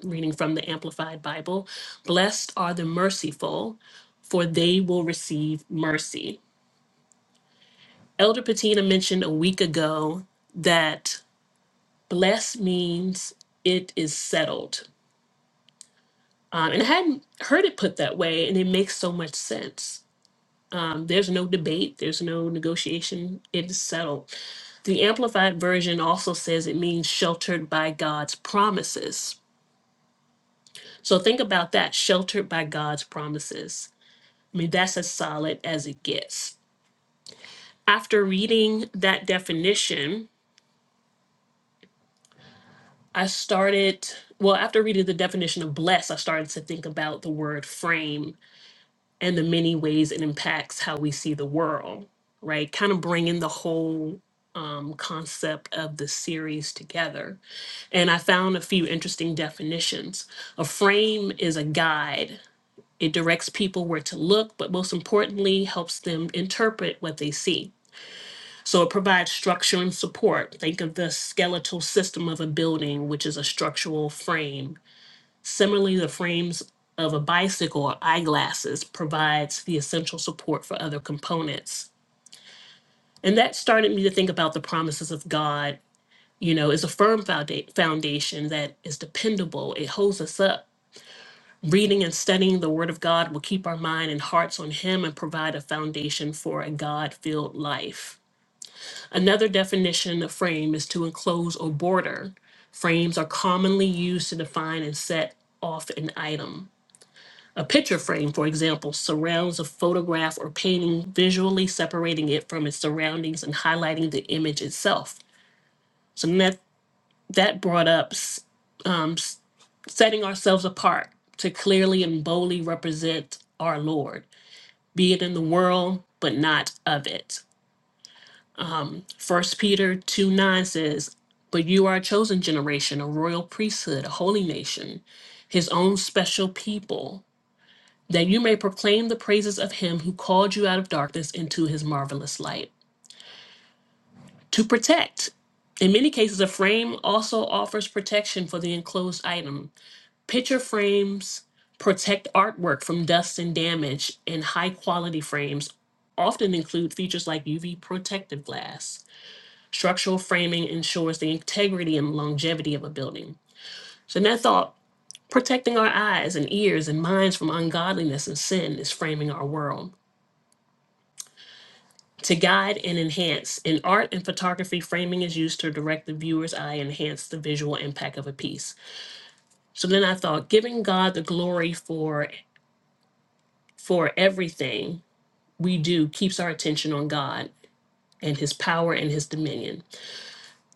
Speaker 5: reading from the Amplified Bible. Blessed are the merciful, for they will receive mercy. Elder Patina mentioned a week ago that. Blessed means it is settled. Um, and I hadn't heard it put that way, and it makes so much sense. Um, there's no debate, there's no negotiation, it is settled. The Amplified Version also says it means sheltered by God's promises. So think about that sheltered by God's promises. I mean, that's as solid as it gets. After reading that definition, I started, well, after reading the definition of blessed, I started to think about the word frame and the many ways it impacts how we see the world, right? Kind of bringing the whole um, concept of the series together. And I found a few interesting definitions. A frame is a guide, it directs people where to look, but most importantly, helps them interpret what they see. So it provides structure and support. Think of the skeletal system of a building, which is a structural frame Similarly, the frames of a bicycle or eyeglasses provides the essential support for other components. And that started me to think about the promises of God, you know, is a firm founda- foundation that is dependable. It holds us up. Reading and studying the Word of God will keep our mind and hearts on Him and provide a foundation for a God filled life. Another definition of frame is to enclose or border. Frames are commonly used to define and set off an item. A picture frame, for example, surrounds a photograph or painting, visually separating it from its surroundings and highlighting the image itself. So that that brought up s- um, s- setting ourselves apart to clearly and boldly represent our Lord, be it in the world, but not of it. First Peter two nine says, "But you are a chosen generation, a royal priesthood, a holy nation, His own special people." that you may proclaim the praises of him who called you out of darkness into his marvelous light. To protect. In many cases, a frame also offers protection for the enclosed item. Picture frames protect artwork from dust and damage, and high quality frames often include features like UV protective glass. Structural framing ensures the integrity and longevity of a building. So, in that thought, protecting our eyes and ears and minds from ungodliness and sin is framing our world. to guide and enhance. In art and photography, framing is used to direct the viewer's eye and enhance the visual impact of a piece. So then I thought, giving God the glory for for everything we do keeps our attention on God and his power and his dominion.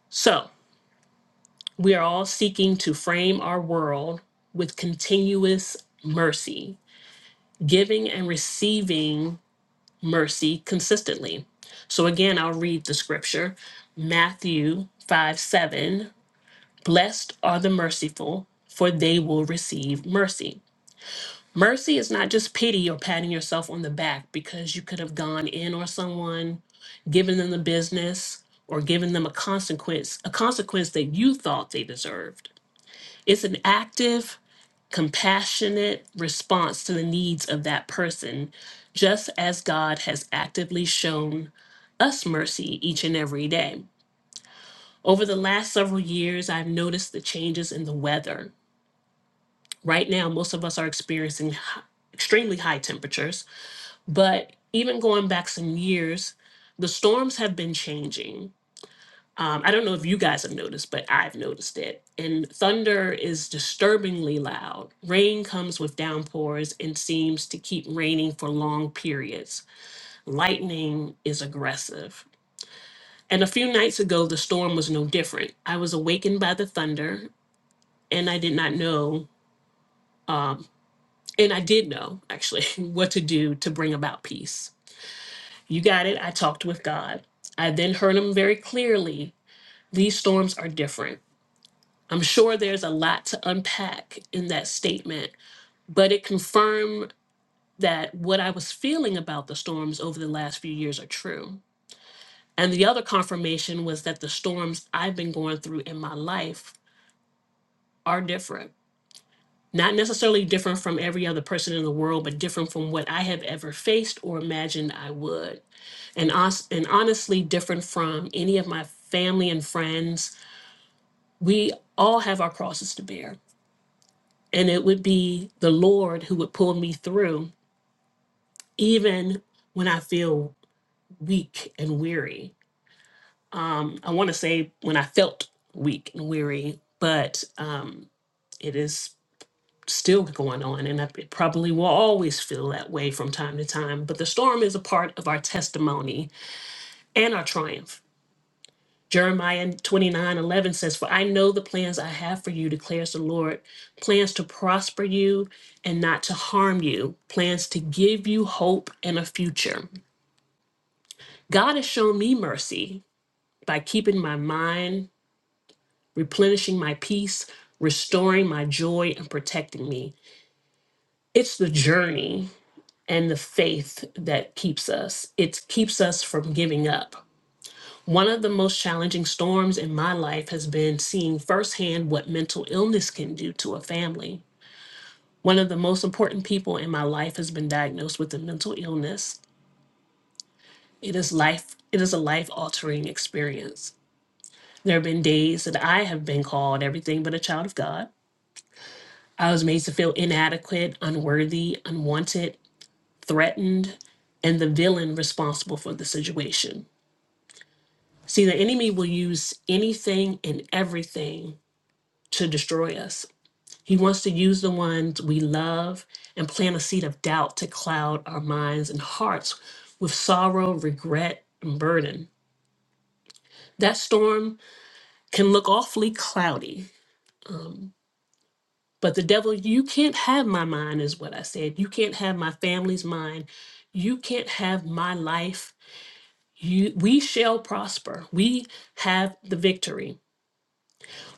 Speaker 5: So we are all seeking to frame our world with continuous mercy, giving and receiving mercy consistently. So again, I'll read the scripture. Matthew 5 7 Blessed are the merciful, for they will receive mercy. Mercy is not just pity or patting yourself on the back because you could have gone in or someone, given them the business, or given them a consequence, a consequence that you thought they deserved. It's an active, compassionate response to the needs of that person, just as God has actively shown us mercy each and every day. Over the last several years, I've noticed the changes in the weather. Right now, most of us are experiencing h- extremely high temperatures, but even going back some years, the storms have been changing. Um, I don't know if you guys have noticed, but I've noticed it. And thunder is disturbingly loud. Rain comes with downpours and seems to keep raining for long periods. Lightning is aggressive. And a few nights ago, the storm was no different. I was awakened by the thunder, and I did not know. Um, And I did know actually what to do to bring about peace. You got it. I talked with God. I then heard him very clearly. These storms are different. I'm sure there's a lot to unpack in that statement, but it confirmed that what I was feeling about the storms over the last few years are true. And the other confirmation was that the storms I've been going through in my life are different. Not necessarily different from every other person in the world, but different from what I have ever faced or imagined I would. And, hos- and honestly, different from any of my family and friends. We all have our crosses to bear. And it would be the Lord who would pull me through, even when I feel weak and weary. I want to say when I felt weak and weary, but um, it is. still going on, and it probably will always feel that way from time to time. But the storm is a part of our testimony and our triumph. Jeremiah 29 11 says, For I know the plans I have for you, declares the Lord plans to prosper you and not to harm you, plans to give you hope and a future. God has shown me mercy by keeping my mind, replenishing my peace, restoring my joy, and protecting me. It's the journey and the faith that keeps us. It keeps us from giving up. One of the most challenging storms in my life has been seeing firsthand what mental illness can do to a family. One of the most important people in my life has been diagnosed with a mental illness. It is life it is a life-altering experience. There have been days that I have been called everything but a child of God. I was made to feel inadequate, unworthy, unwanted, threatened, and the villain responsible for the situation. See, the enemy will use anything and everything to destroy us. He wants to use the ones we love and plant a seed of doubt to cloud our minds and hearts with sorrow, regret, and burden. That storm can look awfully cloudy. Um, but the devil, you can't have my mind, is what I said. You can't have my family's mind. You can't have my life. You, we shall prosper. We have the victory.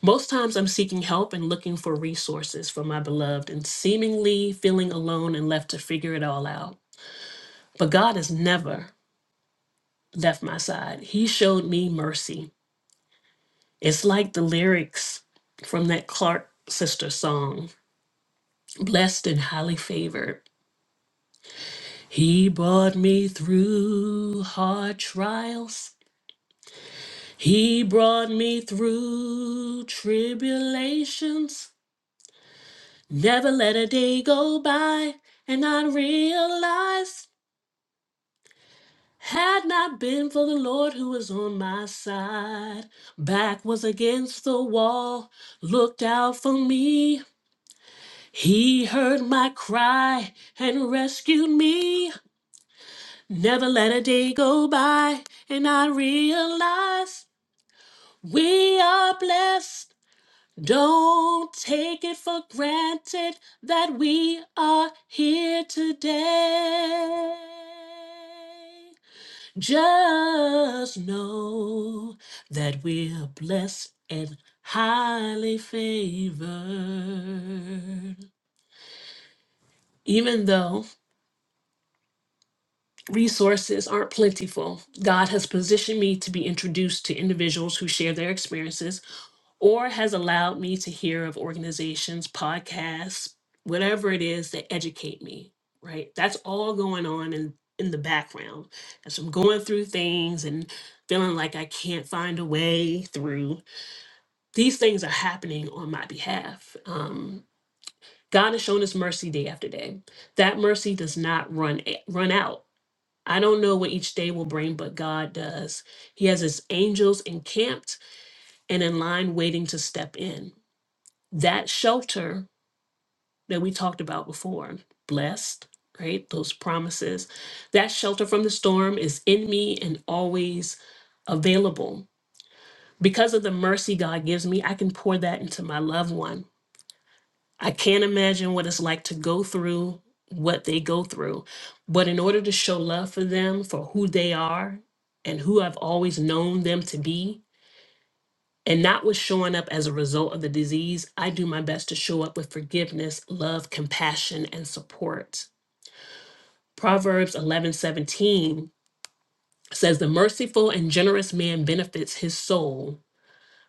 Speaker 5: Most times I'm seeking help and looking for resources from my beloved and seemingly feeling alone and left to figure it all out. But God has never left my side. He showed me mercy. It's like the lyrics from that Clark sister song, blessed and highly favored. He brought me through hard trials. He brought me through tribulations. Never let a day go by and I realized had not been for the Lord who was on my side. Back was against the wall, looked out for me. He heard my cry and rescued me. Never let a day go by and I realized we are blessed. Don't take it for granted that we are here today. Just know that we're blessed and highly favored. Even though resources aren't plentiful, God has positioned me to be introduced to individuals who share their experiences or has allowed me to hear of organizations, podcasts, whatever it is that educate me, right? That's all going on in, in the background. As I'm going through things and feeling like I can't find a way through, these things are happening on my behalf. Um, God has shown us mercy day after day. That mercy does not run run out. I don't know what each day will bring, but God does. He has his angels encamped and in line waiting to step in that shelter that we talked about before, blessed, right? Those promises. That shelter from the storm is in me and always available. Because of the mercy God gives me, I can pour that into my loved one. I can't imagine what it's like to go through what they go through. But in order to show love for them, for who they are, and who I've always known them to be, and not with showing up as a result of the disease, I do my best to show up with forgiveness, love, compassion, and support. Proverbs 11 17 says, The merciful and generous man benefits his soul,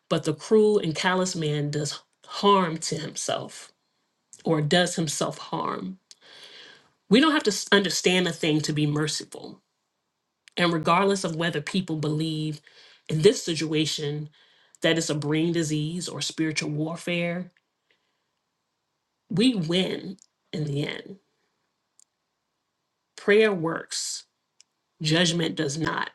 Speaker 5: but the cruel and callous man does harm to himself or does himself harm. We don't have to s- understand a thing to be merciful. And regardless of whether people believe in this situation that it's a brain disease or spiritual warfare, We win in the end. Prayer works. Judgment does not.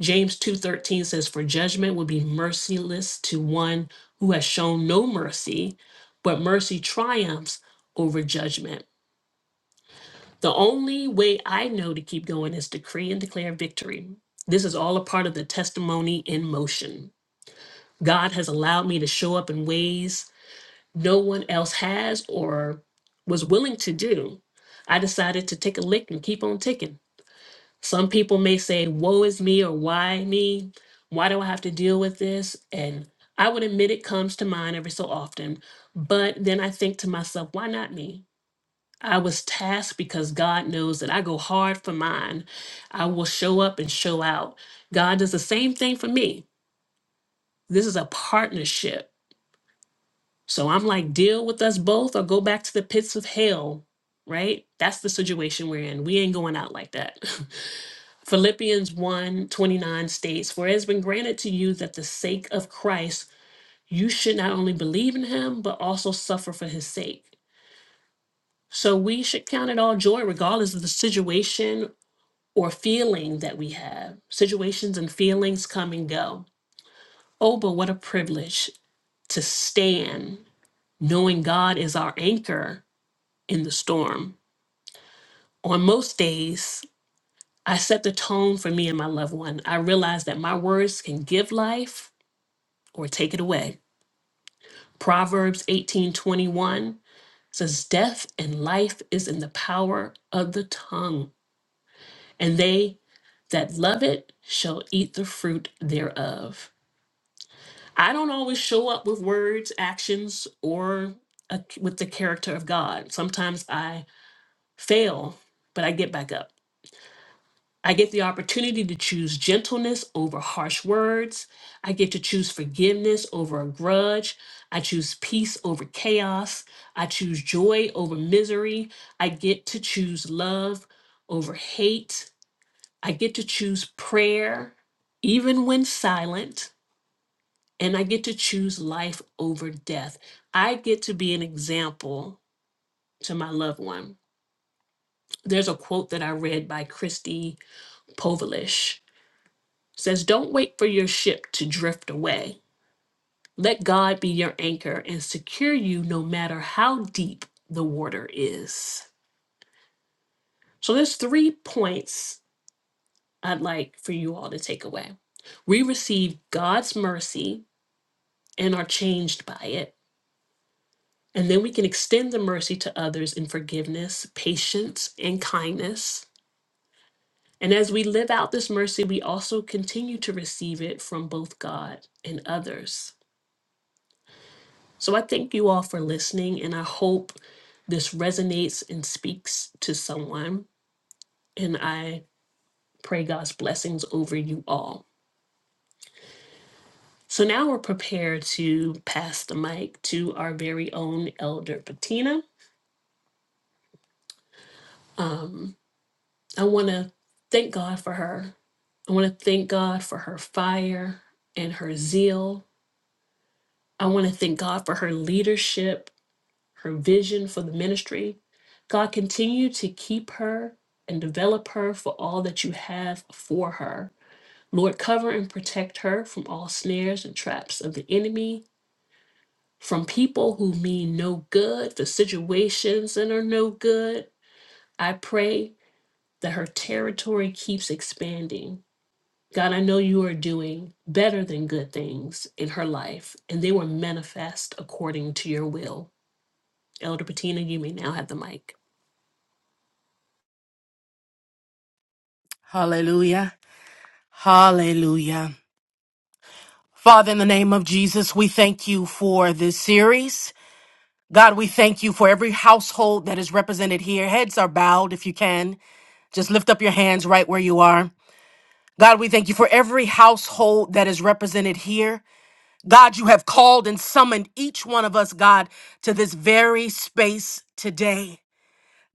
Speaker 5: James 2:13 says for judgment will be merciless to one who has shown no mercy, but mercy triumphs over judgment. The only way I know to keep going is decree and declare victory. This is all a part of the testimony in motion. God has allowed me to show up in ways no one else has or was willing to do. I decided to take a lick and keep on ticking. Some people may say, Woe is me, or why me? Why do I have to deal with this? And I would admit it comes to mind every so often. But then I think to myself, Why not me? I was tasked because God knows that I go hard for mine. I will show up and show out. God does the same thing for me. This is a partnership. So I'm like, deal with us both or go back to the pits of hell, right? That's the situation we're in. We ain't going out like that. Philippians one 29 states, For it has been granted to you that the sake of Christ you should not only believe in him, but also suffer for his sake. So we should count it all joy, regardless of the situation or feeling that we have. Situations and feelings come and go. Oh, but what a privilege to stand knowing God is our anchor in the storm. On most days, I set the tone for me and my loved one. I realize that my words can give life or take it away. Proverbs 18:21 says death and life is in the power of the tongue, and they that love it shall eat the fruit thereof. I don't always show up with words, actions, or a, with the character of God. Sometimes I fail, but I get back up. I get the opportunity to choose gentleness over harsh words. I get to choose forgiveness over a grudge. I choose peace over chaos. I choose joy over misery. I get to choose love over hate. I get to choose prayer, even when silent. And I get to choose life over death. I get to be an example to my loved one. There's a quote that I read by Christy Povelish says, Don't wait for your ship to drift away. Let God be your anchor and secure you no matter how deep the water is. So there's three points I'd like for you all to take away. We receive God's mercy and are changed by it. And then we can extend the mercy to others in forgiveness, patience, and kindness. And as we live out this mercy, we also continue to receive it from both God and others. So I thank you all for listening, and I hope this resonates and speaks to someone. And I pray God's blessings over you all. So now we're prepared to pass the mic to our very own Elder Bettina. Um, I want to thank God for her. I want to thank God for her fire and her zeal. I want to thank God for her leadership her vision for the ministry. God, continue to keep her and develop her for all that you have for her. Lord, cover and protect her from all snares and traps of the enemy, from people who mean no good, the situations that are no good. I pray that her territory keeps expanding. God, I know you are doing better than good things in her life, and they will manifest according to your will. Elder Patina, you may now have the mic.
Speaker 2: Hallelujah. Hallelujah. Father, in the name of Jesus, we thank you for this series. God, we thank you for every household that is represented here. Heads are bowed if you can. Just lift up your hands right where you are. God, we thank you for every household that is represented here. God, you have called and summoned each one of us, God, to this very space today.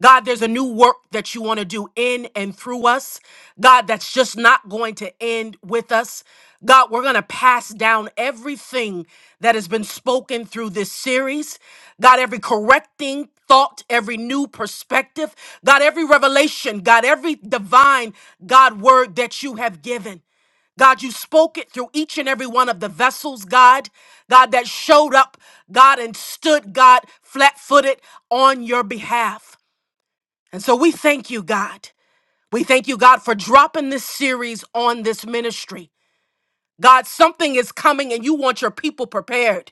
Speaker 2: God, there's a new work that you want to do in and through us. God, that's just not going to end with us. God, we're going to pass down everything that has been spoken through this series. God, every correcting thought, every new perspective, God, every revelation, God, every divine God word that you have given. God, you spoke it through each and every one of the vessels, God. God, that showed up, God, and stood, God, flat footed on your behalf. And so we thank you, God. We thank you, God, for dropping this series on this ministry. God, something is coming and you want your people prepared.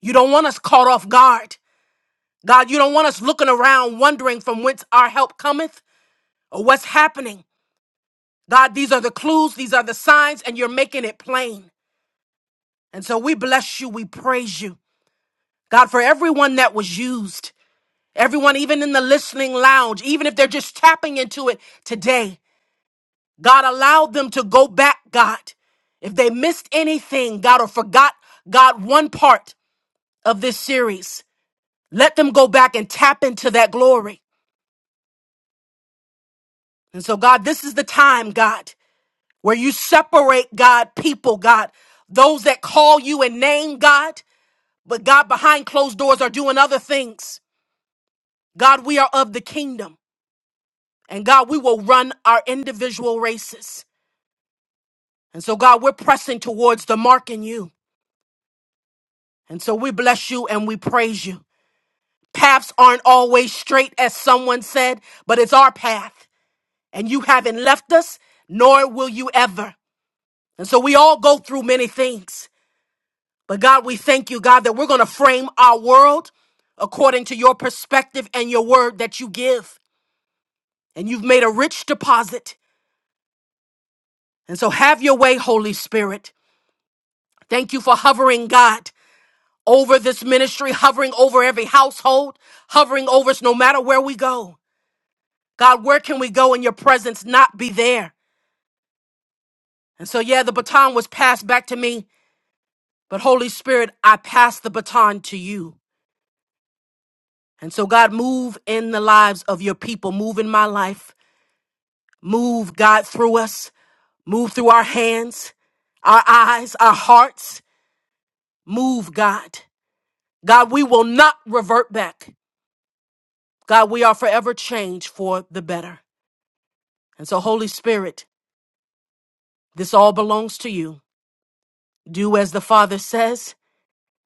Speaker 2: You don't want us caught off guard. God, you don't want us looking around wondering from whence our help cometh or what's happening. God, these are the clues, these are the signs, and you're making it plain. And so we bless you, we praise you. God, for everyone that was used, everyone even in the listening lounge, even if they're just tapping into it today, God allowed them to go back, God. If they missed anything, God, or forgot, God, one part of this series, let them go back and tap into that glory. And so, God, this is the time, God, where you separate, God, people, God, those that call you and name, God, but God, behind closed doors are doing other things. God, we are of the kingdom. And God, we will run our individual races. And so, God, we're pressing towards the mark in you. And so we bless you and we praise you. Paths aren't always straight, as someone said, but it's our path. And you haven't left us, nor will you ever. And so we all go through many things. But God, we thank you, God, that we're going to frame our world according to your perspective and your word that you give. And you've made a rich deposit. And so have your way, Holy Spirit. Thank you for hovering, God, over this ministry, hovering over every household, hovering over us no matter where we go. God, where can we go and your presence not be there? And so, yeah, the baton was passed back to me, but Holy Spirit, I pass the baton to you. And so, God, move in the lives of your people, move in my life, move, God, through us, move through our hands, our eyes, our hearts, move, God. God, we will not revert back. God, we are forever changed for the better. And so, Holy Spirit, this all belongs to you. Do as the Father says,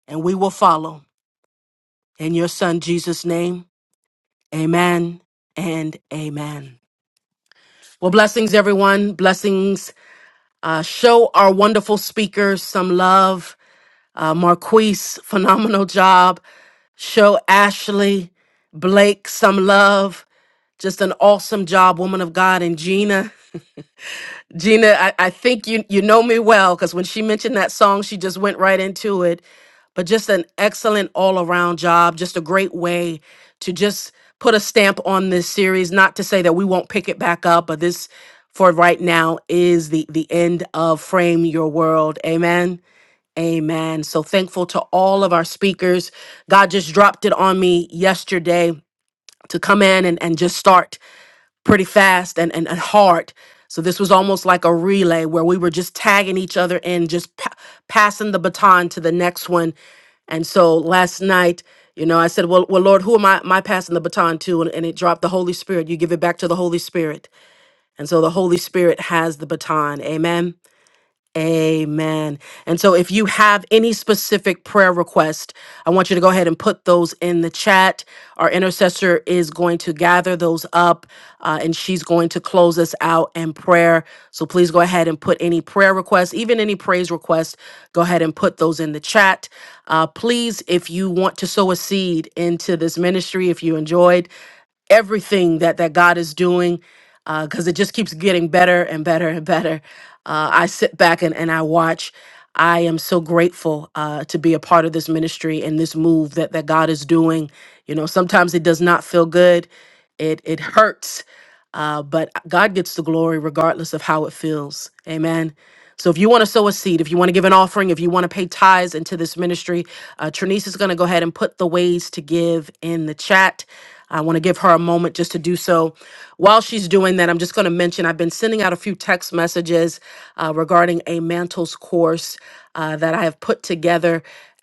Speaker 2: and we will follow. In your Son, Jesus' name. Amen and amen. Well, blessings, everyone. Blessings. Uh, show our wonderful speakers some love. Uh, Marquise, phenomenal job. Show Ashley, Blake some love. Just an awesome job, woman of God, and Gina. Gina, I, I think you you know me well because when she mentioned that song, she just went right into it. But just an excellent all around job, just a great way to just put a stamp on this series. Not to say that we won't pick it back up, but this for right now is the the end of Frame Your World. Amen. Amen. So thankful to all of our speakers. God just dropped it on me yesterday to come in and, and just start pretty fast and, and, and hard. So this was almost like a relay where we were just tagging each other and just pa- passing the baton to the next one. And so last night, you know, I said, "Well, well, Lord, who am I? Am I passing the baton to?" And, and it dropped the Holy Spirit. You give it back to the Holy Spirit, and so the Holy Spirit has the baton. Amen. Amen. And so if you have any specific prayer request, I want you to go ahead and put those in the chat. Our intercessor is going to gather those up uh, and she's going to close us out in prayer. So please go ahead and put any prayer requests, even any praise requests, go ahead and put those in the chat. Uh, please, if you want to sow a seed into this ministry, if you enjoyed, everything that that God is doing because it just keeps getting better and better and better. Uh, I sit back and, and I watch. I am so grateful uh, to be a part of this ministry and this move that that God is doing. You know, sometimes it does not feel good. It it hurts. Uh, but God gets the glory regardless of how it feels. Amen. So if you want to sow a seed, if you want to give an offering, if you want to pay tithes into this ministry, uh, Trinice is going to go ahead and put the ways to give in the chat. I want to give her a moment just to do so. While she's doing that, I'm just going to mention I've been sending out a few text messages uh, regarding a mantles course uh, that I have put together.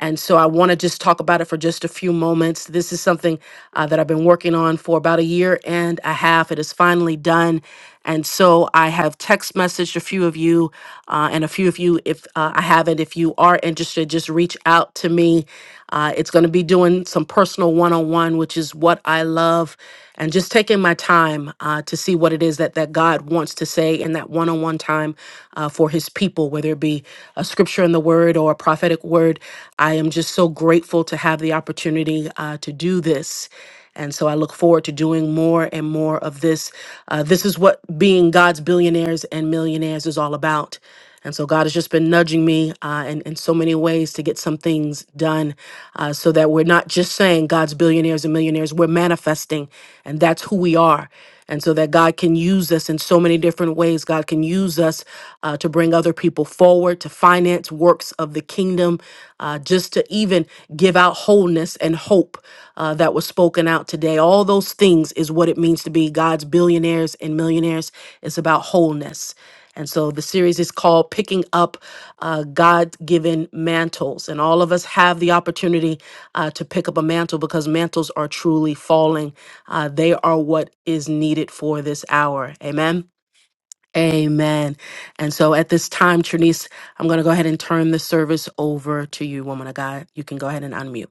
Speaker 2: And so I want to just talk about it for just a few moments. This is something uh, that I've been working on for about a year and a half. It is finally done. And so I have text messaged a few of you, uh, and a few of you, if uh, I haven't, if you are interested, just reach out to me. Uh, it's going to be doing some personal one on one, which is what I love and just taking my time uh, to see what it is that, that God wants to say in that one on one time uh, for his people, whether it be a scripture in the word or a prophetic word. I am just so grateful to have the opportunity uh, to do this. And so I look forward to doing more and more of this. Uh, this is what being God's billionaires and millionaires is all about. And so God has just been nudging me uh, in, in so many ways to get some things done uh, so that we're not just saying God's billionaires and millionaires, we're manifesting, and that's who we are. And so that God can use us in so many different ways. God can use us uh, to bring other people forward, to finance works of the kingdom, uh, just to even give out wholeness and hope uh, that was spoken out today. All those things is what it means to be God's billionaires and millionaires. It's about wholeness. And so the series is called Picking Up uh, God Given Mantles. And all of us have the opportunity uh, to pick up a mantle because mantles are truly falling. Uh, they are what is needed for this hour. Amen. Amen. And so at this time, Trinice, I'm going to go ahead and turn the service over to you, woman of God. You can go ahead and unmute.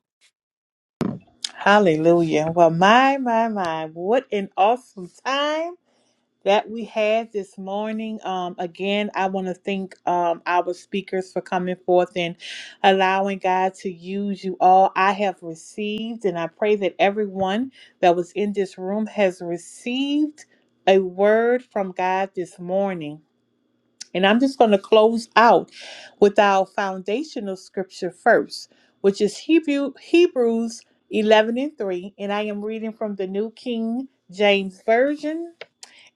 Speaker 1: Hallelujah. Well, my, my, my, what an awesome time that we had this morning. Um, again, I want to thank um, our speakers for coming forth and allowing God to use you all. I have received, and I pray that everyone that was in this room has received a word from God this morning. And I'm just going to close out with our foundational scripture first, which is Hebrew, Hebrews 11 and 3. And I am reading from the New King James Version.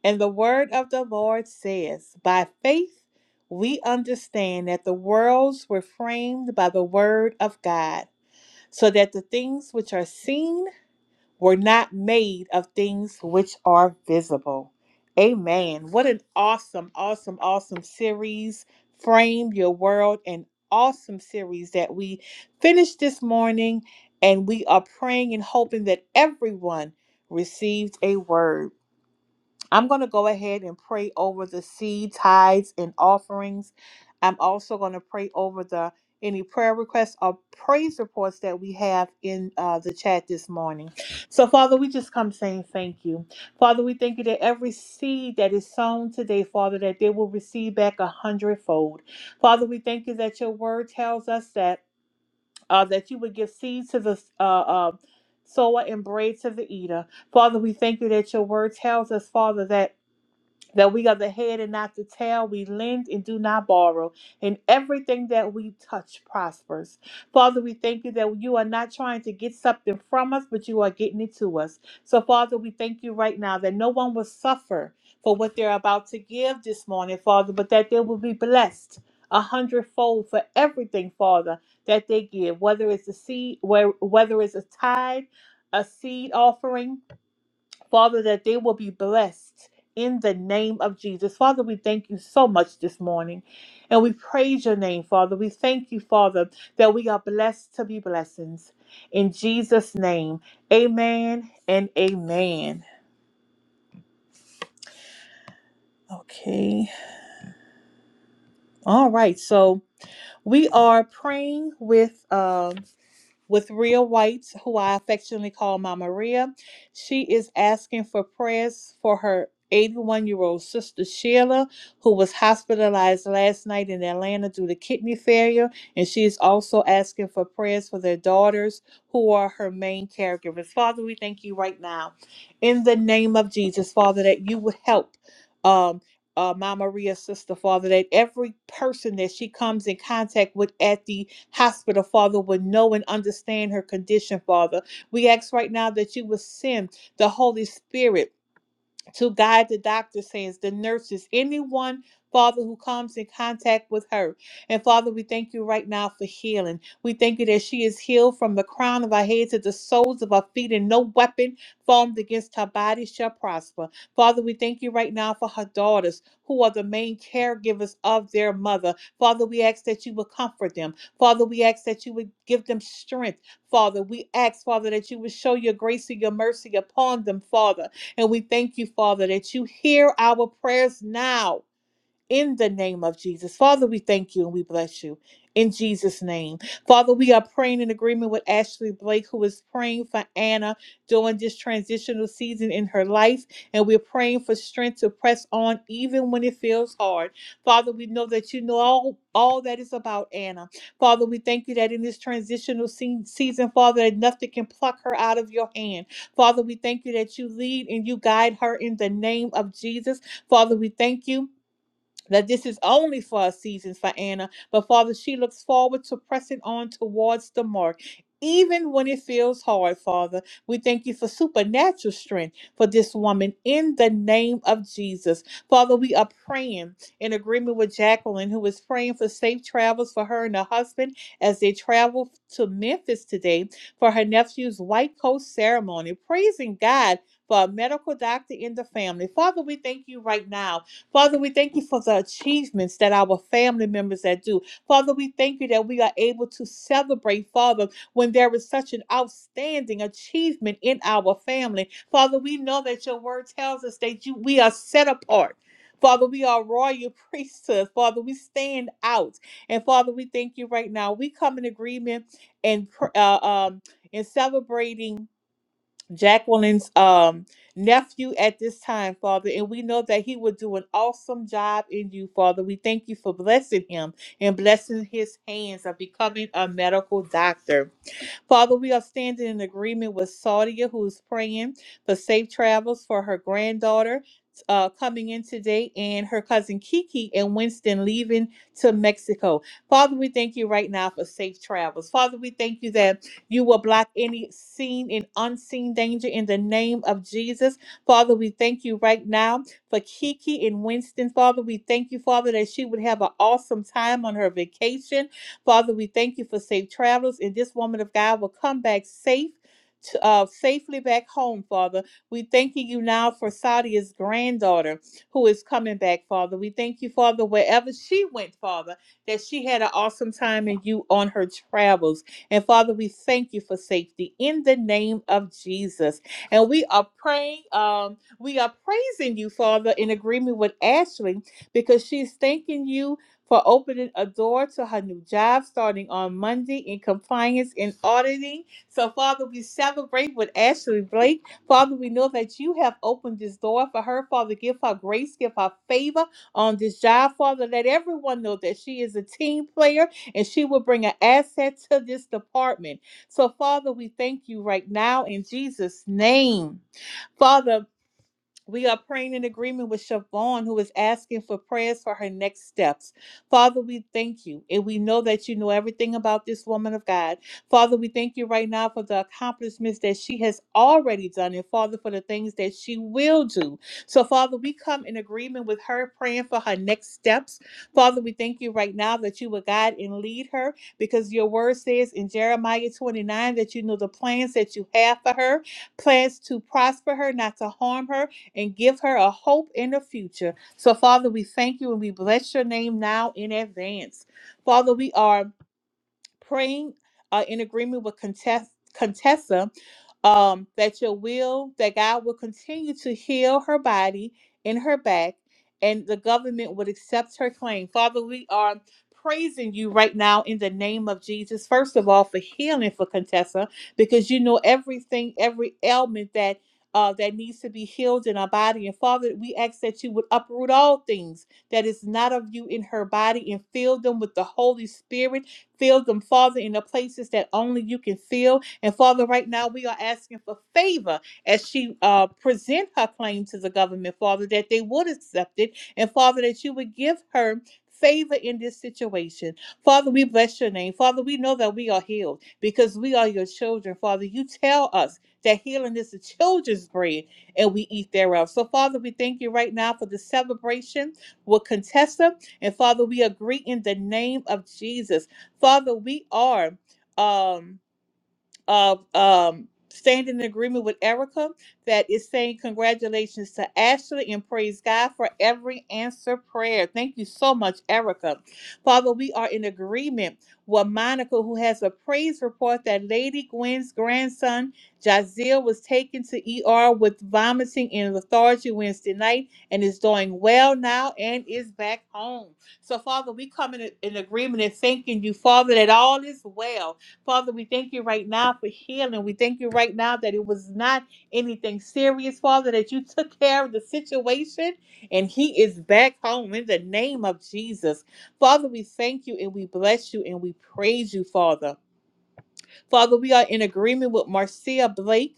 Speaker 1: And the word of the Lord says, By faith we understand that the worlds were framed by the word of God, so that the things which are seen were not made of things which are visible. Amen. What an awesome, awesome, awesome series. Frame your world, an awesome series that we finished this morning. And we are praying and hoping that everyone received a word. I'm going to go ahead and pray over the seed tithes and offerings. I'm also going to pray over the any prayer requests or praise reports that we have in uh, the chat this morning. So, Father, we just come saying thank you. Father, we thank you that every seed that is sown today, Father, that they will receive back a hundredfold. Father, we thank you that your word tells us that uh, that you would give seed to the uh, uh, sower and bread to the eater. Father, we thank you that your word tells us, Father, that that we are the head and not the tail. We lend and do not borrow, and everything that we touch prospers. Father, we thank you that you are not trying to get something from us, but you are getting it to us. So, Father, we thank you right now that no one will suffer for what they're about to give this morning, Father, but that they will be blessed. A hundredfold for everything, Father, that they give, whether it's a seed, where- whether it's a tithe, a seed offering, Father, that they will be blessed in the name of Jesus. Father, we thank you so much this morning and we praise your name, Father. We thank you, Father, that we are blessed to be blessings. In Jesus' name, amen and amen. Okay. All right. So we are praying with. um with Rhea White, who I affectionately call Mama Rhea. She is asking for prayers for her 81 year old sister Sheila, who was hospitalized last night in Atlanta due to kidney failure. And she is also asking for prayers for their daughters, who are her main caregivers. Father, we thank you right now in the name of Jesus, Father, that you would help. Um, uh, Mama Maria's sister, Father, that every person that she comes in contact with at the hospital, Father, would know and understand her condition, Father. We ask right now that you would send the Holy Spirit to guide the doctor says, the nurses, anyone, Father, who comes in contact with her. And Father, we thank you right now for healing. We thank you that she is healed from the crown of her head to the soles of her feet, and no weapon formed against her body shall prosper. Father, we thank you right now for her daughters, who are the main caregivers of their mother. Father, we ask that you would comfort them. Father, we ask that you would give them strength. Father, we ask, Father, that you would show your grace and your mercy upon them, Father. And we thank you, Father, that you hear our prayers now in the name of Jesus. Father, we thank you and we bless you in Jesus' name. Father, we are praying in agreement with Ashley Blake, who is praying for Anna during this transitional season in her life. And we're praying for strength to press on even when it feels hard. Father, we know that you know all, all that is about Anna. Father, we thank you that in this transitional se- season, Father, that nothing can pluck her out of your hand. Father, we thank you that you lead and you guide her in the name of Jesus. Father, we thank you that this is only for a season for Anna, but Father, she looks forward to pressing on towards the mark. Even when it feels hard, Father, we thank you for supernatural strength for this woman in the name of Jesus. Father, we are praying in agreement with Jacqueline, who is praying for safe travels for her and her husband as they travel to Memphis today for her nephew's White Coat ceremony, praising God for a medical doctor in the family. Father, we thank you right now Father, we thank you for the achievements that our family members that do. Father, we thank you that we are able to celebrate, Father, when there is such an outstanding achievement in our family. Father, we know that your word tells us that you we are set apart. Father, we are royal priesthood. Father, we stand out. And Father, we thank you right now. We come in agreement and pr- uh, um, in celebrating Jacqueline's um, nephew at this time, Father, and we know that he will do an awesome job in you, Father. We thank you for blessing him and blessing his hands of becoming a medical doctor. Father, we are standing in agreement with Saudia, who is praying for safe travels for her granddaughter uh, coming in today and her cousin Kiki and Winston leaving to Mexico. Father, we thank you right now for safe travels. Father, we thank you that you will block any seen and unseen danger in the name of Jesus. Father, we thank you right now for Kiki and Winston. Father, we thank you, Father, that she would have an awesome time on her vacation. Father, we thank you for safe travels, and this woman of God will come back safe. To, uh, safely back home, Father. We thanking you now for Sadia's granddaughter who is coming back, Father. We thank you, Father, wherever she went, Father, that she had an awesome time in you on her travels. And Father, we thank you for safety in the name of Jesus. And we are praying, um, we are praising you, Father, in agreement with Ashley because she's thanking you for opening a door to her new job starting on Monday in compliance and auditing. So, Father, we celebrate with Ashley Blake. Father, we know that you have opened this door for her. Father, give her grace, give her favor on this job. Father, let everyone know that she is a team player and she will bring an asset to this department. So, Father, we thank you right now in Jesus' name. Father, we are praying in agreement with Siobhan, who is asking for prayers for her next steps. Father, we thank you, and we know that you know everything about this woman of God. Father, we thank you right now for the accomplishments that she has already done, and Father, for the things that she will do. So, Father, we come in agreement with her praying for her next steps. Father, we thank you right now that you will guide and lead her because your word says in Jeremiah 29 that you know the plans that you have for her plans to prosper her, not to harm her and give her a hope in the future. So, Father, we thank you and we bless your name now in advance. Father, we are praying uh, in agreement with Contessa, Contessa um, that your will, that God will continue to heal her body and her back, and the government would accept her claim. Father, we are praising you right now in the name of Jesus, first of all, for healing for Contessa, because you know everything, every ailment that. Uh, that needs to be healed in our body. And Father, we ask that you would uproot all things that is not of you in her body and fill them with the Holy Spirit. Fill them, Father, in the places that only you can fill and Father, right now we are asking for favor as she uh, present her claim to the government, Father, that they would accept it, and Father, that you would give her favor in this situation. Father, we bless your name. Father, we know that we are healed because we are your children. Father, you tell us that healing is the children's bread and we eat thereof. So, Father, we thank you right now for the celebration with Contessa. And Father, we agree in the name of Jesus. Father, we are. Um, uh, um, stand in agreement with Erica that is saying congratulations to Ashley and praise God for every answer prayer. Thank you so much, Erica. Father, we are in agreement with Monica, who has a praise report that Lady Gwen's grandson, Jaziel, was taken to ER with vomiting and lethargy Wednesday night and is doing well now and is back home. So, Father, we come in, in agreement and thanking you, Father, that all is well Father, we thank you right now for healing. We thank you right now that it was not anything serious, Father, that you took care of the situation and he is back home in the name of Jesus. Father, we thank you and we bless you and we praise you, Father. Father, we are in agreement with Marcia Blake.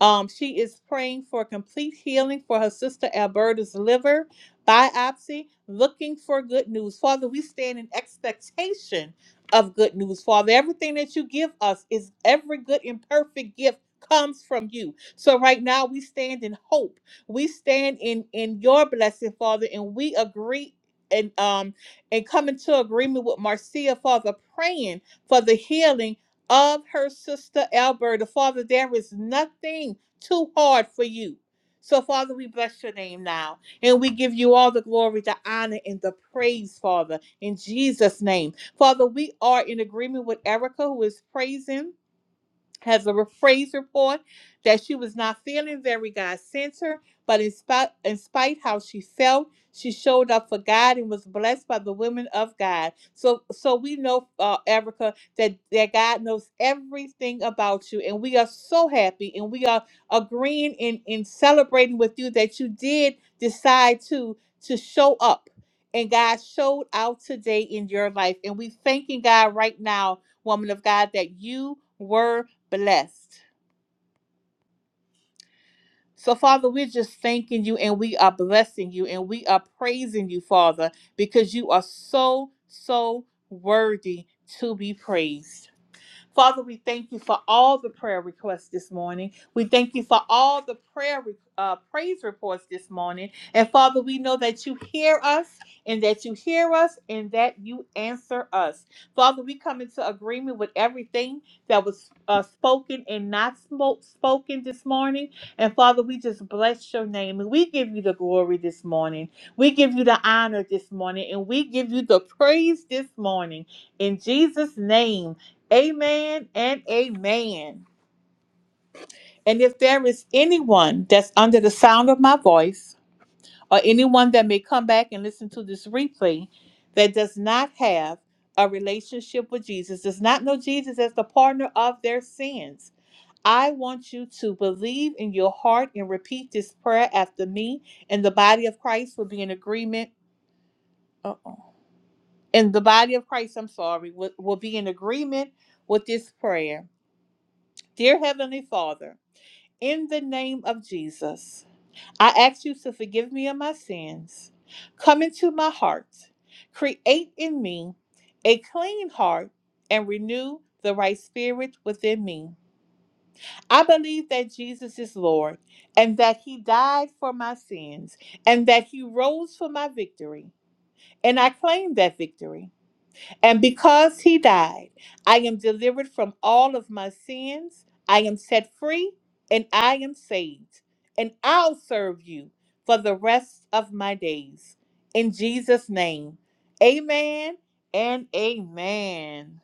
Speaker 1: Um, she is praying for complete healing for her sister Alberta's liver biopsy, looking for good news. Father, we stand in expectation of good news. Father, everything that you give us is every good and perfect gift comes from you. So right now we stand in hope. We stand in in your blessing, Father, and we agree and um and come into agreement with Marcia, Father, praying for the healing of her sister Alberta. Father, there is nothing too hard for you. So, Father, we bless your name now, and we give you all the glory, the honor, and the praise, Father, in Jesus' name. Father, we are in agreement with Erica, who is praising has a rephrase report that she was not feeling very God sent her, but in spite, in spite how she felt, she showed up for God and was blessed by the women of God. So, so we know, uh, Erica, that that God knows everything about you, and we are so happy, and we are agreeing and in celebrating with you that you did decide to to show up. And God showed out today in your life. And we thanking God right now, woman of God, that you were blessed. So, Father, we're just thanking you and we are blessing you and we are praising you, Father, because you are so, so worthy to be praised. Father, we thank you for all the prayer requests this morning. We thank you for all the prayer re- uh, praise reports this morning. And Father, we know that you hear us and that you hear us and that you answer us. Father, we come into agreement with everything that was uh, spoken and not smoke, spoken this morning. And Father, we just bless your name and we give you the glory this morning. We give you the honor this morning and we give you the praise this morning. In Jesus' name. Amen and amen. And if there is anyone that's under the sound of my voice, or anyone that may come back and listen to this replay that does not have a relationship with Jesus, does not know Jesus as the partner of their sins, I want you to believe in your heart and repeat this prayer after me, and the body of Christ will be in agreement. Uh-oh. And the body of Christ, I'm sorry, will, will be in agreement with this prayer. Dear Heavenly Father, In the name of Jesus, I ask you to forgive me of my sins. Come into my heart. Create in me a clean heart and renew the right spirit within me. I believe that Jesus is Lord and that he died for my sins and that he rose for my victory. And I claim that victory. And because he died, I am delivered from all of my sins. I am set free and I am saved. And I'll serve you for the rest of my days. In Jesus' name, amen and amen.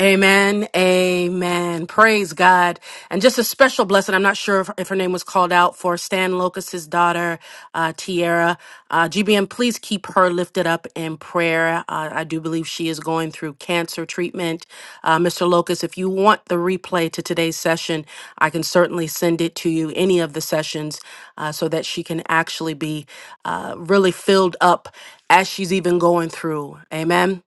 Speaker 2: Amen. Amen. Praise God. And just a special blessing. I'm not sure if, if her name was called out for Stan Locust's daughter, uh, Tiara. Uh, GBM, please keep her lifted up in prayer. Uh, I do believe she is going through cancer treatment. Uh, Mr. Locust, if you want the replay to today's session, I can certainly send it to you, any of the sessions, uh, so that she can actually be uh, really filled up as she's even going through. Amen.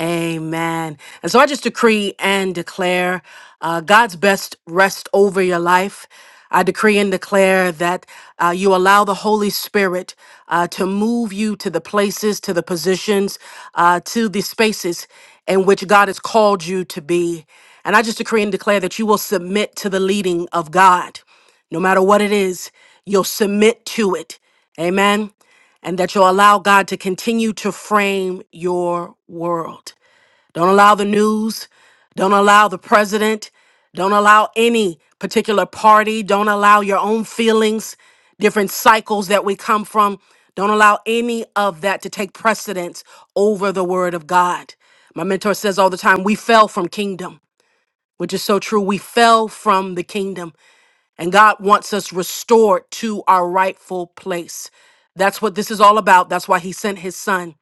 Speaker 2: Amen. And so I just decree and declare uh, God's best rest over your life. I decree and declare that uh, you allow the Holy Spirit uh, to move you to the places, to the positions, uh, to the spaces in which God has called you to be. And I just decree and declare that you will submit to the leading of God. No matter what it is, you'll submit to it. Amen and that you'll allow God to continue to frame your world. Don't allow the news, don't allow the president, don't allow any particular party, don't allow your own feelings, different cycles that we come from. Don't allow any of that to take precedence over the word of God. My mentor says all the time, we fell from kingdom, which is so true. We fell from the kingdom. And God wants us restored to our rightful place. That's what this is all about. That's why He sent His Son.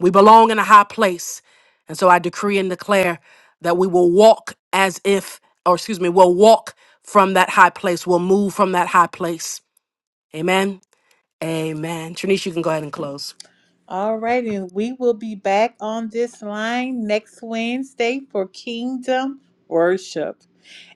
Speaker 2: We belong in a high place. And so I decree and declare that we will walk as if, or excuse me, we'll walk from that high place. We'll move from that high place. Amen. Amen. Trinice, you can go ahead and close.
Speaker 1: All right, and we will be back on this line next Wednesday for Kingdom Worship.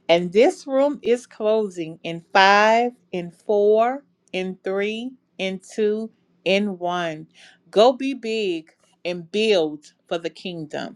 Speaker 1: And this room is closing in five, in four, in three, in two, in one. Go be big and build for the kingdom.